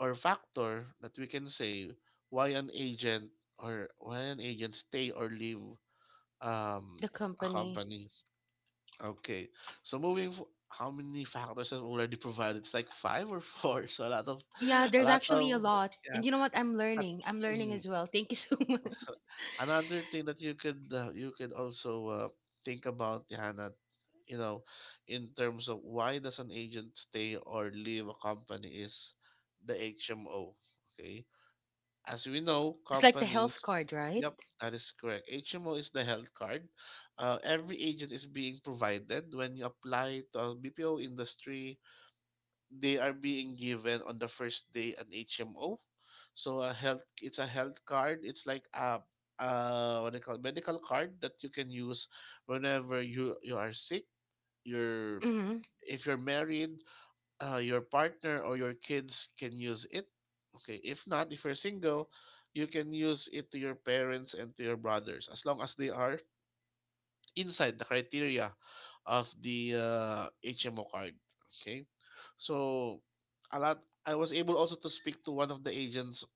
Speaker 2: or factor that we can say why an agent, stay or leave um,
Speaker 1: The
Speaker 2: a
Speaker 1: company.
Speaker 2: company. Okay, so moving. How many factors have already provided? It's like five or four. So a lot of,
Speaker 1: Yeah,
Speaker 2: a
Speaker 1: there's
Speaker 2: lot
Speaker 1: actually a
Speaker 2: of,
Speaker 1: lot. And
Speaker 2: yeah.
Speaker 1: you know what? I'm
Speaker 2: But,
Speaker 1: learning. I'm learning
Speaker 2: mm,
Speaker 1: as well. Thank you so much.
Speaker 2: Another thing that you could also think about, Hannah, you know, in terms of why does an agent stay or leave a company is the HMO. Okay, as we know,
Speaker 1: It's like the health
Speaker 2: companies.
Speaker 1: card, right?
Speaker 2: Yep, that is correct. HMO is the health card. Every agent is being provided when you apply to a BPO industry. They are being given on the first day an HMO. So it's a health card. It's like a what they call medical card that you can use whenever you are sick. You're
Speaker 1: Mm-hmm.
Speaker 2: if you're married, your partner or your kids can use it. Okay, if not, if you're single, you can use it to your parents and to your brothers as long as they are inside the criteria of the HMO card. Okay, so a lot. I was able also to speak to one of the agents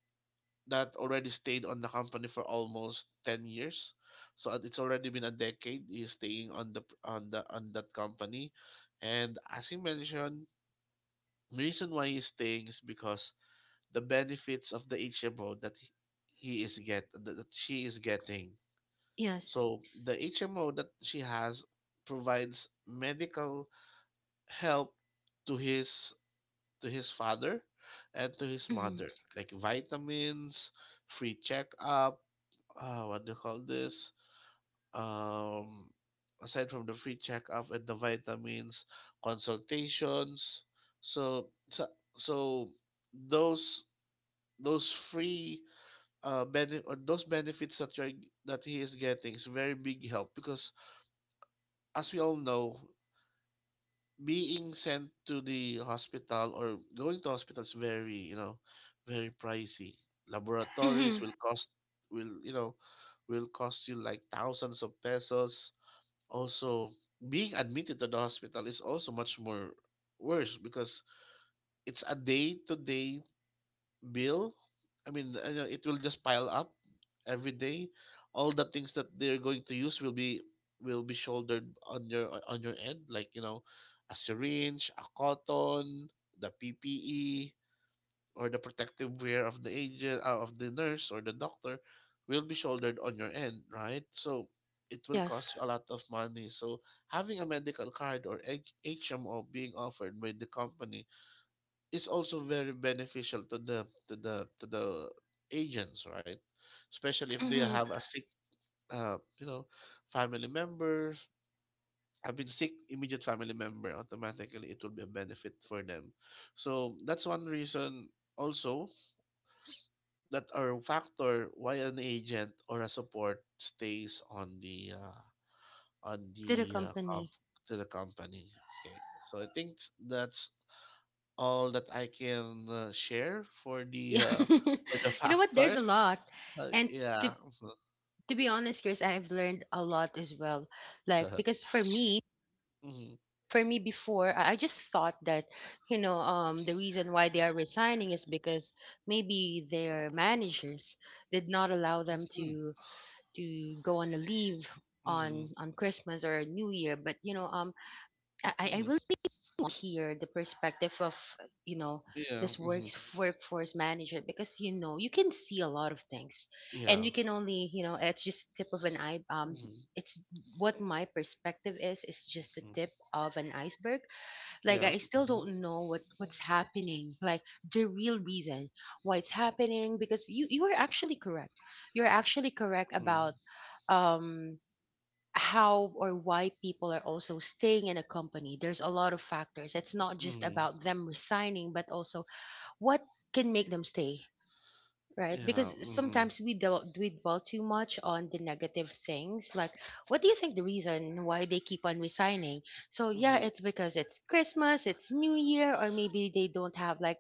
Speaker 2: that already stayed on the company for almost 10 years. So it's already been a decade he's staying on that company, and as he mentioned, the reason why he's staying is because the benefits of the HMO that he is get that she is getting.
Speaker 1: Yes.
Speaker 2: So the HMO that she has provides medical help to his to his father and to his
Speaker 1: Mm-hmm.
Speaker 2: mother, like vitamins, free checkup, what do you call this? Um, aside from the free checkup and the vitamins, consultations. So so, so those those free benefit or those benefits that he is getting is very big help because, as we all know, being sent to the hospital or going to hospital is very you know very pricey. Laboratories
Speaker 1: Mm-hmm.
Speaker 2: will you know will cost you like thousands of pesos. Also, being admitted to the hospital is also much more worse, because it's a day to day bill. I mean, it will just pile up every day. All the things that they're going to use will be shouldered on your end, like, a syringe, a cotton, the PPE or the protective wear of the agent, of the nurse or the doctor, will be shouldered on your end, right? So it will
Speaker 1: Yes.
Speaker 2: cost you a lot of money. So having a medical card or HMO being offered by the company is also very beneficial to the to the to the agents, right? Especially if they
Speaker 1: Mm-hmm.
Speaker 2: have a sick, uh, you know, family member. I've been sick, immediate family member. Automatically, it will be a benefit for them. So that's one reason also, that our factor why an agent or a support stays on
Speaker 1: To the
Speaker 2: the uh, comp-
Speaker 1: company.
Speaker 2: to the company. Okay, so I think that's all that I can share for the
Speaker 1: Yeah.
Speaker 2: uh, for the
Speaker 1: You know what? There's a
Speaker 2: factors.
Speaker 1: lot.
Speaker 2: Uh,
Speaker 1: And to
Speaker 2: yeah.
Speaker 1: to be honest, Chris, I've learned a lot as well. Like because
Speaker 2: Mhm.
Speaker 1: for me before, I just thought that, you know, the reason why they are resigning is because maybe their managers did not allow them
Speaker 2: Mhm.
Speaker 1: to go on a leave
Speaker 2: Mhm.
Speaker 1: on Christmas or New Year. But you know, I really
Speaker 2: Mhm.
Speaker 1: want to hear the perspective of you know
Speaker 2: Yeah.
Speaker 1: this
Speaker 2: Mhm.
Speaker 1: works workforce manager, because you know you can see a lot of things, and
Speaker 2: Yeah.
Speaker 1: we can only you know it's just tip of an eye.
Speaker 2: Mhm.
Speaker 1: It's what my perspective is just the
Speaker 2: Mhm.
Speaker 1: tip of an iceberg. Like
Speaker 2: Yeah.
Speaker 1: I still
Speaker 2: Mhm.
Speaker 1: don't know what what's happening, like the real reason why it's happening. Because you are actually correct. You're actually correct
Speaker 2: Mhm.
Speaker 1: about um how or why people are also staying in a company. There's a lot of factors. It's not just
Speaker 2: Mhm.
Speaker 1: about them resigning, but also what can make them stay. Right, because
Speaker 2: Yeah. Mhm.
Speaker 1: sometimes we dwell too much on the negative things. Like, what do you think the reason why they keep on resigning? So yeah,
Speaker 2: Mhm.
Speaker 1: it's because it's Christmas, it's New Year, or maybe they don't have like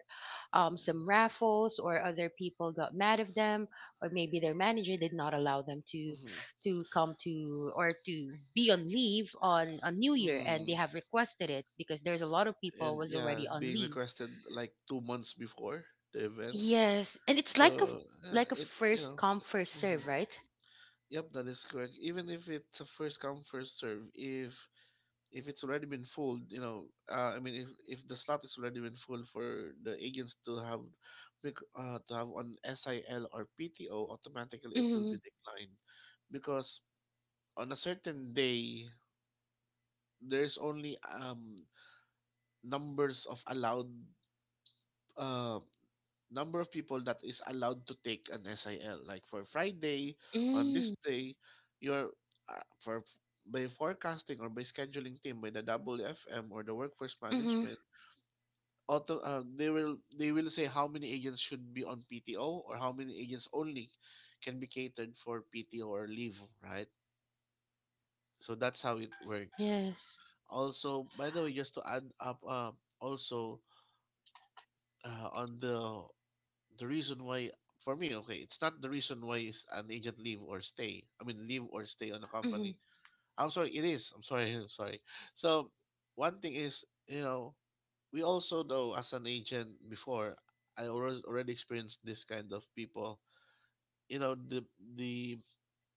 Speaker 1: some raffles, or other people got mad of them, or maybe their manager did not allow them
Speaker 2: Mhm.
Speaker 1: to come to or to be on leave on New Year, and they
Speaker 2: Mhm.
Speaker 1: have requested it because there's a lot of people
Speaker 2: And
Speaker 1: was
Speaker 2: yeah,
Speaker 1: already on
Speaker 2: being
Speaker 1: leave.
Speaker 2: requested like 2 months before the event.
Speaker 1: Yes, and it's like a
Speaker 2: So yeah,
Speaker 1: like a
Speaker 2: it you
Speaker 1: first
Speaker 2: know.
Speaker 1: come first serve,
Speaker 2: Hmm.
Speaker 1: right?
Speaker 2: Yep, that is correct. Even if it's a first come first serve, if it's already been full, I mean, if the slot is already been full for the agents to have, to have on SIL or PTO, automatically it will
Speaker 1: Mm-hmm.
Speaker 2: be declined, because on a certain day there's only numbers of allowed uh number of people that is allowed to take an SIL. Like for Friday, on
Speaker 1: Mm-hmm.
Speaker 2: this day, you're for by forecasting or by scheduling team by the WFM or the workforce
Speaker 1: Mm-hmm.
Speaker 2: management, auto they will say how many agents should be on PTO or how many agents only can be catered for PTO or leave, right? So that's how it works.
Speaker 1: Yes.
Speaker 2: Also, by the way, just to add up, also, on the reason why, for me, okay, it's not the reason why is an agent leave or stay. I mean, leave or stay on a
Speaker 1: Mm-hmm.
Speaker 2: company. I'm sorry, it is. I'm sorry, I'm sorry. So one thing is, we also know as an agent before, I already experienced this kind of people. you know the the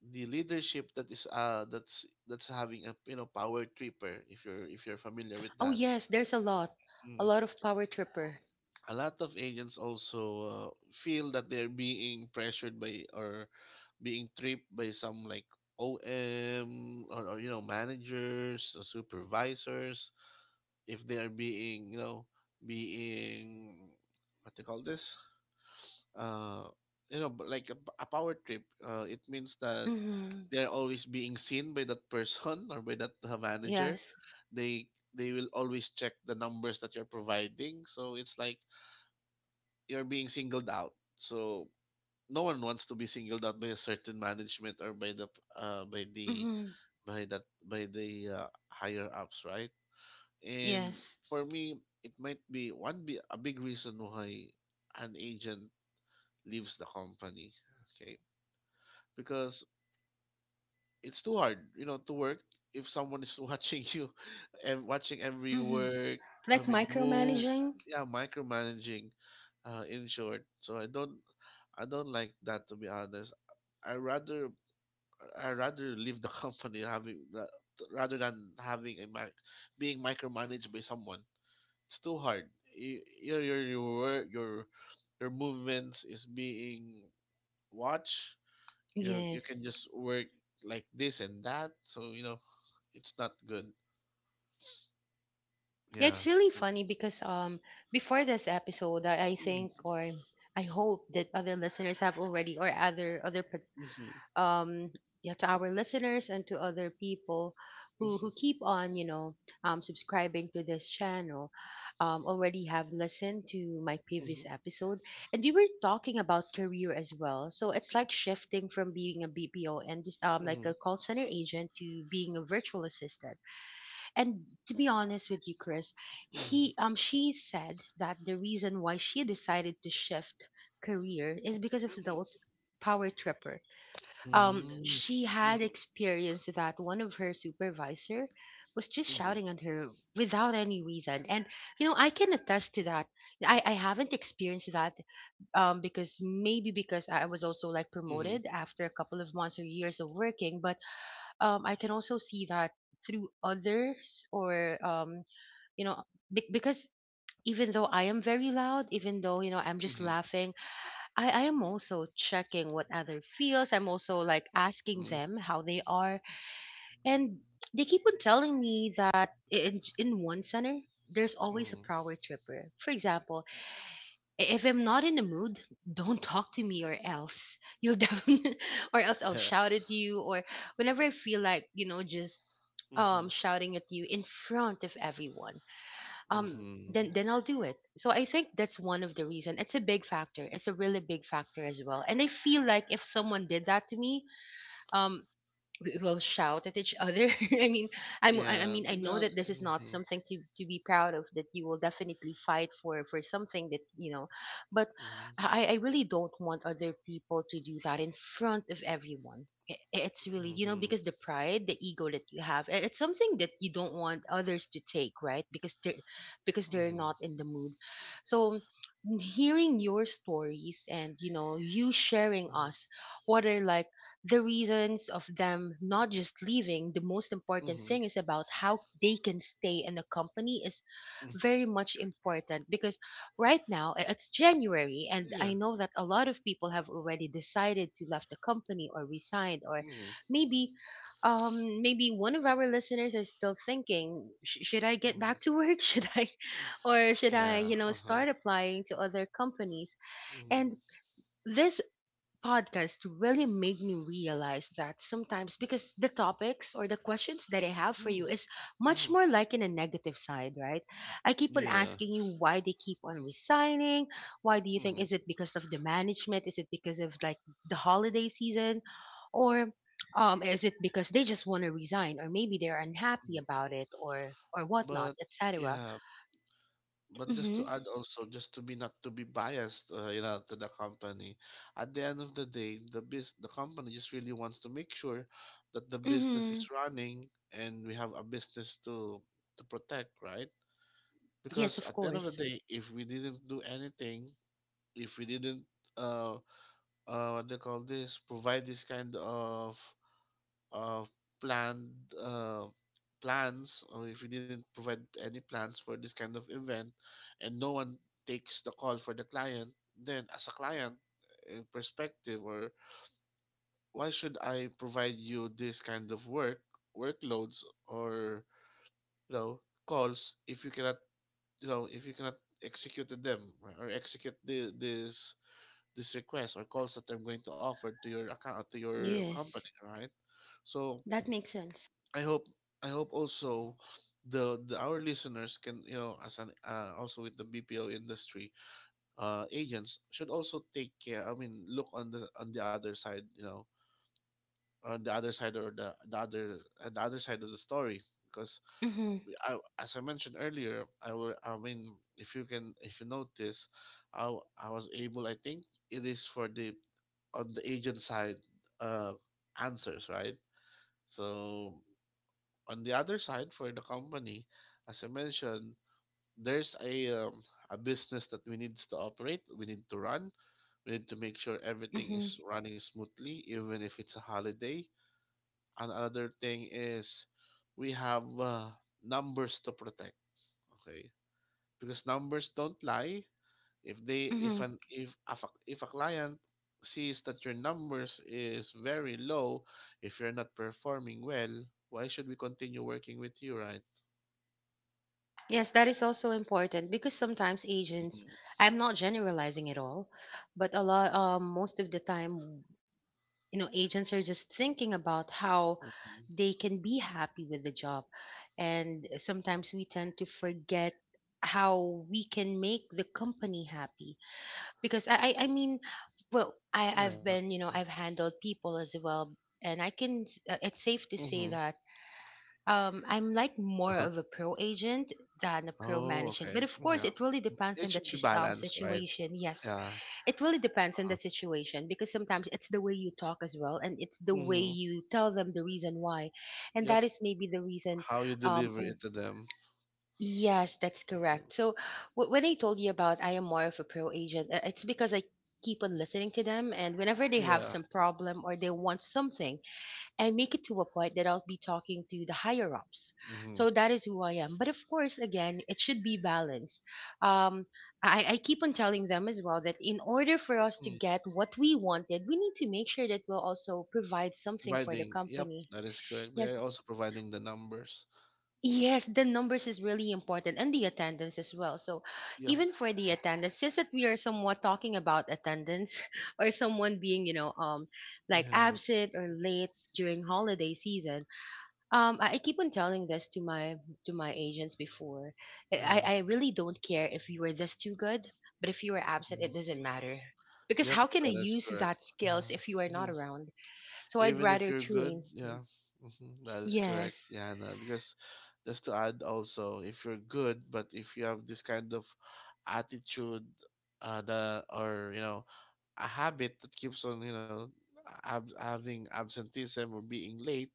Speaker 2: the leadership that is that's having a power tripper, if you're familiar with
Speaker 1: Oh
Speaker 2: that.
Speaker 1: yes, there's a
Speaker 2: Mm.
Speaker 1: lot of power tripper.
Speaker 2: A lot of agents also, feel that they're being pressured by or being tripped by some, like, om or, managers or supervisors, if they are being you know being what they call this, uh but like, a power trip, it means that
Speaker 1: Mm-hmm.
Speaker 2: they're always being seen by that person or by that manager.
Speaker 1: Yes.
Speaker 2: They they will always check the numbers that you're providing, so it's like you're being singled out. So no one wants to be singled out by a certain management or uh by the
Speaker 1: Mm-hmm.
Speaker 2: by that by the higher ups, right? And
Speaker 1: Yes.
Speaker 2: for me, it might be one be a big reason why an agent leaves the company. Okay. Because it's too hard, to work if someone is watching you and watching every
Speaker 1: Mm-hmm.
Speaker 2: work. I
Speaker 1: Like
Speaker 2: mean, move,
Speaker 1: micromanaging.
Speaker 2: yeah, micromanaging, in short. So I don't like that, to be honest. I rather, I rather leave the company rather than being micromanaged by someone. It's too hard. Your work, your movements is being watched. You
Speaker 1: Yes.
Speaker 2: can just work like this and that, so, it's not good.
Speaker 1: Yeah,
Speaker 2: Yeah.
Speaker 1: it's really funny because before this episode, I think
Speaker 2: Mhm.
Speaker 1: or I hope that other listeners have already or other other um yeah to our listeners and to other people who keep on you know subscribing to this channel already have listened to my previous episode. And we were talking about career as well, so it's like shifting from being a bpo and just like a call center agent to being a virtual assistant. And to be honest with you, Chris,
Speaker 2: Mhm. Mhm. Mhm. Mhm. Mhm.
Speaker 1: he she said that the reason why she decided to shift career is because of the
Speaker 2: Mhm.
Speaker 1: power tripper.
Speaker 2: Mhm.
Speaker 1: She had
Speaker 2: Mhm.
Speaker 1: experienced that one of her supervisor was just shouting at her without any reason. And you know I can attest to that. I haven't experienced that, because maybe because I was also like
Speaker 2: Mhm. Mhm.
Speaker 1: promoted after a couple of months or years of working, but I can also see that through others or you know, because even though I am very loud, even though you know I'm just laughing, I am also checking what other feels. I'm also like asking them how they are. And they keep on telling me that in one center, there's always a
Speaker 2: Mhm.
Speaker 1: power tripper. For example, if I'm not in the mood, don't talk to me or else you'll definitely, or else I'll
Speaker 2: Mhm.
Speaker 1: shout at you. Or whenever I feel like, you know, just
Speaker 2: Mhm.
Speaker 1: shouting at you in front of everyone, um
Speaker 2: Mhm.
Speaker 1: then I'll do it. So I think that's one of the reason. It's a big factor. It's a really big factor as well. And I feel like if someone did that to me, um we will shout at each other. I mean, I
Speaker 2: Yeah,
Speaker 1: mean, I
Speaker 2: to be
Speaker 1: know that
Speaker 2: honest.
Speaker 1: this is not
Speaker 2: Mhm.
Speaker 1: something to be proud of. That you will definitely fight for something that you know, but
Speaker 2: Mhm.
Speaker 1: I really don't want other people to do that in front of everyone. It's really you know
Speaker 2: Mhm.
Speaker 1: because the pride, the ego that you have, it's something that you don't want others to take, right? Because
Speaker 2: Mhm.
Speaker 1: they're not
Speaker 2: Mhm.
Speaker 1: in the mood. So hearing your stories and you know you sharing us what are like the reasons of them not just leaving the most important
Speaker 2: Mhm.
Speaker 1: thing is about how they can stay in a company is
Speaker 2: Mhm.
Speaker 1: very much important because right now it's January and I
Speaker 2: Yeah.
Speaker 1: know that a lot of people have already decided to left the company or resigned, or
Speaker 2: Mhm.
Speaker 1: maybe maybe one of our listeners is still thinking, Should I get back to
Speaker 2: Mhm.
Speaker 1: work, should I, or should I,
Speaker 2: Yeah.
Speaker 1: you know,
Speaker 2: Uh-huh.
Speaker 1: start applying to other companies?"
Speaker 2: Mhm.
Speaker 1: And this podcast really made me realize that sometimes, because the topics or the questions that I have for
Speaker 2: Mhm.
Speaker 1: you is much
Speaker 2: Mhm.
Speaker 1: more like in a negative side, right? I keep on
Speaker 2: Yeah.
Speaker 1: asking you why they keep on resigning. Why, do you think,
Speaker 2: Mhm.
Speaker 1: is it because of the management? Is it because of like the holiday season? Or is it because they just want to resign, or maybe they're unhappy
Speaker 2: Mhm.
Speaker 1: about it, or whatnot,
Speaker 2: But
Speaker 1: etc.?
Speaker 2: yeah, but just
Speaker 1: Mm-hmm.
Speaker 2: to add also, just to be not to be biased, to the company. At the end of the day, the company just really wants to make sure that the business
Speaker 1: Mm-hmm.
Speaker 2: is running and we have a business to protect, right?
Speaker 1: Yes,
Speaker 2: Because
Speaker 1: of
Speaker 2: at the end of the
Speaker 1: course.
Speaker 2: day, if we didn't do anything, if we didn't uh what they call this, provide this kind of uh, planned uh, plans, or if you didn't provide any plans for this kind of event and no one takes the call for the client, then, as a client, in perspective, or why should I provide you this kind of workloads, or, you know calls, if you cannot, you know if you cannot execute them, right, or execute the, this request or calls that I'm going to offer to your account, to your
Speaker 1: Yes.
Speaker 2: company, right? So
Speaker 1: That makes sense.
Speaker 2: I hope I hope also the, our listeners can, as an, also with the BPO industry, agents should also take care. I mean, look on the other side, or the other side of the story, because,
Speaker 1: Mm-hmm.
Speaker 2: as I mentioned earlier, I mean, if you notice, I was able, I think, it is for the on the agent side, uh answers, right? So on the other side, for the company, as I mentioned, there's a business that we need to operate, we need to run, we need to make sure everything
Speaker 1: Mm-hmm.
Speaker 2: is running smoothly, even if it's a holiday. And another thing is, we have numbers to protect, okay? Because numbers don't lie. If they
Speaker 1: Hmm.
Speaker 2: if an if a client sees that your numbers is very low, if you're not performing well, why should we continue working with you, right?
Speaker 1: Yes, that is also important because sometimes agents,
Speaker 2: Mhm.
Speaker 1: I'm not generalizing at all, but a lot, most of the time, you know, agents are just thinking about how
Speaker 2: Mhm.
Speaker 1: they can be happy with the job. And sometimes we tend to forget how we can make the company happy because I mean, well, I,
Speaker 2: Yeah.
Speaker 1: I've been, you know, I've handled people as well. And I can, it's safe to say
Speaker 2: Mm-hmm.
Speaker 1: that I'm like more
Speaker 2: Uh-huh.
Speaker 1: of a pro agent than a pro
Speaker 2: Oh,
Speaker 1: management. But
Speaker 2: okay.
Speaker 1: of course,
Speaker 2: Yeah.
Speaker 1: it really depends
Speaker 2: It
Speaker 1: on the
Speaker 2: should be balanced, right?
Speaker 1: situation. Yes,
Speaker 2: Yeah.
Speaker 1: it really depends on the
Speaker 2: Uh-huh.
Speaker 1: situation because sometimes it's the way you talk as well, and it's the way
Speaker 2: Mm-hmm.
Speaker 1: you tell them the reason why, and
Speaker 2: Yep.
Speaker 1: that is maybe the reason.
Speaker 2: How you
Speaker 1: Um,
Speaker 2: deliver
Speaker 1: w-
Speaker 2: it to them.
Speaker 1: yes, that's
Speaker 2: Mm-hmm.
Speaker 1: correct. So when I told you about I am more of a pro agent, it's because I keep on listening to them, and whenever they have
Speaker 2: Yeah.
Speaker 1: some problem or they want something, I make it to a point that I'll be talking to the higher ups.
Speaker 2: Mm-hmm.
Speaker 1: So that is who I am. But of course, again, it should be balanced. Um, I keep on telling them as well that in order for us to
Speaker 2: Mm.
Speaker 1: get what we wanted, we need to make sure that we'll also provide something for the
Speaker 2: Providing. Yep.
Speaker 1: company.
Speaker 2: That is correct.
Speaker 1: Yes,
Speaker 2: They're also providing the numbers.
Speaker 1: yes, the numbers is really important and the attendance as well. So
Speaker 2: Yep.
Speaker 1: even for the attendance, since that we are somewhat talking about attendance, or someone being, you know, like
Speaker 2: Yeah.
Speaker 1: absent or late during holiday season, I keep on telling this to my agents before. I,
Speaker 2: Yeah.
Speaker 1: I I really don't care if you were this too good, but if you were absent, it
Speaker 2: Mm-hmm.
Speaker 1: doesn't matter. Because
Speaker 2: Yep.
Speaker 1: how can I
Speaker 2: That is
Speaker 1: use
Speaker 2: correct.
Speaker 1: that
Speaker 2: Yeah.
Speaker 1: skills if you are
Speaker 2: Mhm.
Speaker 1: not around? So
Speaker 2: Even
Speaker 1: I'd
Speaker 2: if you're
Speaker 1: rather
Speaker 2: good,
Speaker 1: train.
Speaker 2: yeah. Mhm, that is correct,
Speaker 1: Yes.
Speaker 2: Yana, because, just to add also, if you're good but if you have this kind of attitude, the or you know a habit that keeps on, having absenteeism or being late,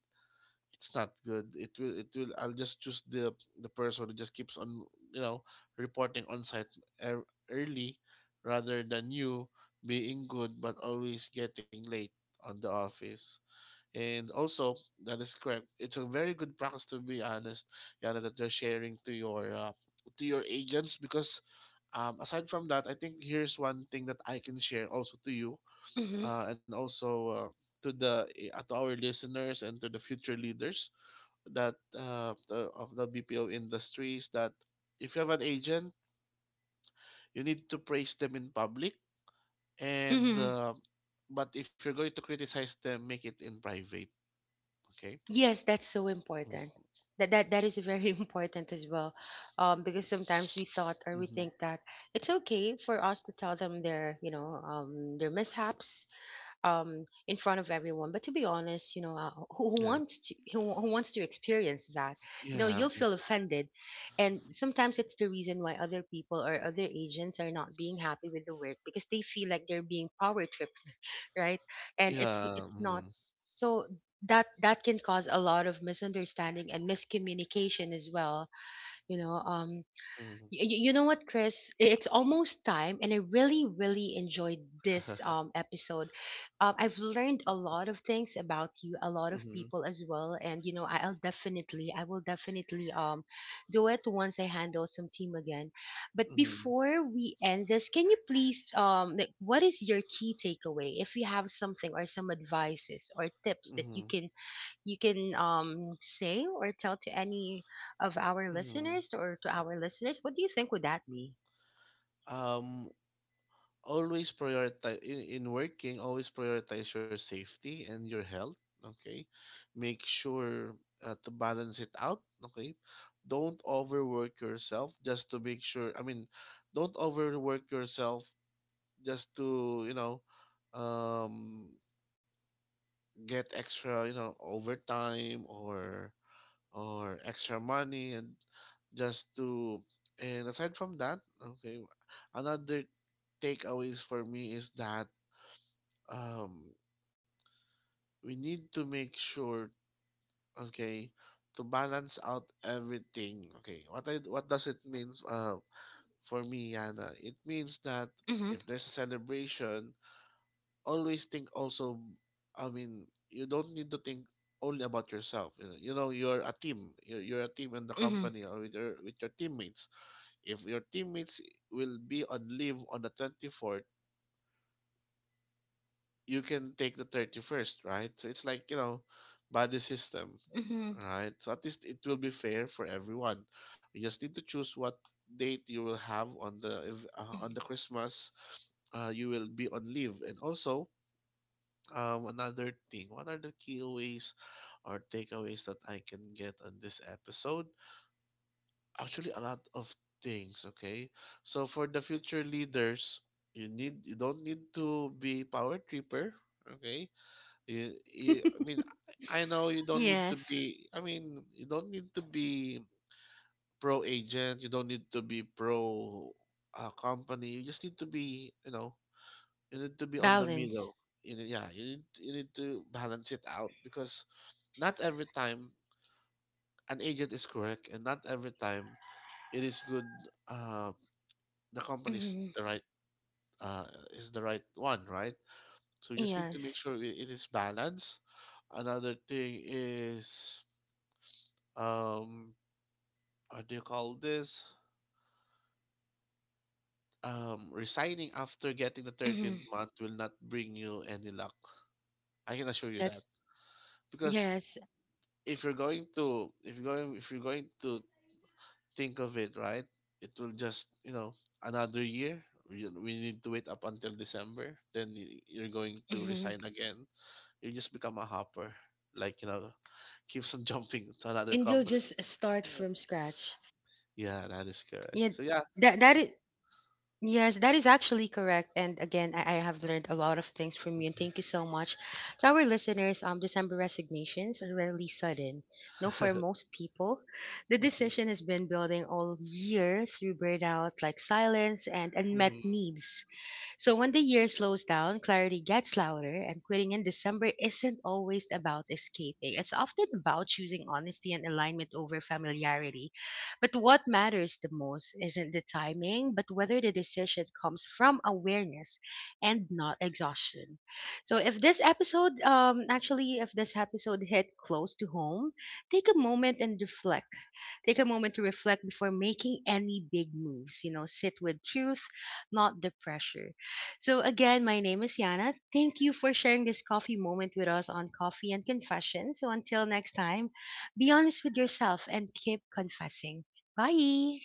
Speaker 2: it's not good. It will I'll just choose the person who just keeps on, you know reporting on site, ear- early, rather than you being good but always getting late on the office. And also, that is correct. It's a very good practice, to be honest, Yana, that you're sharing to your agents, because, aside from that, I think here's one thing that I can share also to you,
Speaker 1: Mm-hmm.
Speaker 2: and also, to our listeners and to the future leaders, that, of the BPO industries, that if you have an agent, you need to praise them in public, and,
Speaker 1: Mm-hmm.
Speaker 2: but if you're going to criticize them, make it in private. Okay.
Speaker 1: Yes, that's so important.
Speaker 2: Mm-hmm.
Speaker 1: That is very important as well. Because sometimes we thought or we think
Speaker 2: Mhm.
Speaker 1: that it's okay for us to tell them their, you know, their mishaps in front of everyone, but to be honest, you know, who, who
Speaker 2: Yeah.
Speaker 1: wants to who, who wants to experience that? You know, you'll
Speaker 2: Yeah.
Speaker 1: feel
Speaker 2: Mm.
Speaker 1: offended, and sometimes it's the reason why other people or other agents are not being happy with the work, because they feel like they're being power tripped, right? And
Speaker 2: Yeah.
Speaker 1: it's not,
Speaker 2: Mhm.
Speaker 1: so that that can cause a lot of misunderstanding and miscommunication as well, you know, um,
Speaker 2: Mhm.
Speaker 1: You know what, Chris? It's almost time, and I really, really enjoyed this episode. I've learned a lot of things about you, a lot of
Speaker 2: Mhm.
Speaker 1: people as well, and you know, I'll definitely, I will definitely do it once I handle some team again. But
Speaker 2: Mhm.
Speaker 1: before we end this, can you please, like, what is your key takeaway? If you have something or some advices or tips that
Speaker 2: Mhm.
Speaker 1: you can say or tell to any of our
Speaker 2: Mhm.
Speaker 1: listeners or to our listeners, what do you think would that be?
Speaker 2: Um, always prioritize in working, always prioritize your safety and your health, okay? Make sure, to balance it out, okay? Don't overwork yourself just to make sure. I mean, don't overwork yourself just to, um get extra, overtime or extra money, and just to and aside from that. Okay, another takeaways for me is that, um we need to make sure, okay, to balance out everything. Okay, what does it means, for me, Yana? It means that
Speaker 1: Mhm.
Speaker 2: if there's a celebration, always think also, I mean, you don't need to think only about yourself. You know you're a team, you're a team in the
Speaker 1: Mhm.
Speaker 2: company, or with your teammates. If your teammates will be on leave on the 24th, you can take the 31st, right? So it's like, body system,
Speaker 1: Mhm.
Speaker 2: right? So at least it will be fair for everyone. You just need to choose what date you will have on the
Speaker 1: Mhm.
Speaker 2: Christmas, you will be on leave. And also, another thing, what are the key ways or takeaways that I can get on this episode? Actually, a lot of things, okay? So for the future leaders, you don't need to be power tripper, okay? I mean, I know you don't need to
Speaker 1: Yes.
Speaker 2: be, I mean, you don't need to be pro agent, you don't need to be pro, company. You just need to be, you need to be on the
Speaker 1: Balance.
Speaker 2: middle. Yeah, you need to balance it out, because not every time an agent is correct, and not every time it is good, uh the company's
Speaker 1: Mhm.
Speaker 2: the right, uh, is the right one, right? So you just need to
Speaker 1: Yes.
Speaker 2: make sure it is balanced. Another thing is, um what do you call this? Resigning after getting the
Speaker 1: Mhm.
Speaker 2: 13th month will not bring you any luck. I can assure you that.
Speaker 1: That's
Speaker 2: Because
Speaker 1: yes.
Speaker 2: if you're going to think of it, right? It will just, another year. We need to wait up until December. Then you're going to
Speaker 1: Mhm.
Speaker 2: resign again. You just become a hopper. Like, keeps on jumping to another
Speaker 1: And you'll
Speaker 2: company.
Speaker 1: just start from scratch.
Speaker 2: Yeah, that is correct.
Speaker 1: Yeah.
Speaker 2: So yeah.
Speaker 1: That that is yes, that is actually correct. And again, I have learned a lot of things from you, and
Speaker 2: Mhm.
Speaker 1: thank you so much. To our listeners, December resignations are rarely sudden. No, for most people, the
Speaker 2: Mhm.
Speaker 1: decision has been building all year through burnout, like silence and
Speaker 2: Mhm.
Speaker 1: unmet needs. So when the year slows down, clarity gets louder, and quitting in December isn't always about escaping. It's often about choosing honesty and alignment over familiarity. But what matters the most isn't the timing, but whether the decision comes from awareness and not exhaustion. So if this episode, actually, if this episode hit close to home, take a moment and reflect take a moment to reflect before making any big moves. You know, sit with truth, not the pressure. So, again, my name is Yana. Thank you for sharing this coffee moment with us on Coffee and Confession. So, until next time, be honest with yourself and keep confessing. Bye.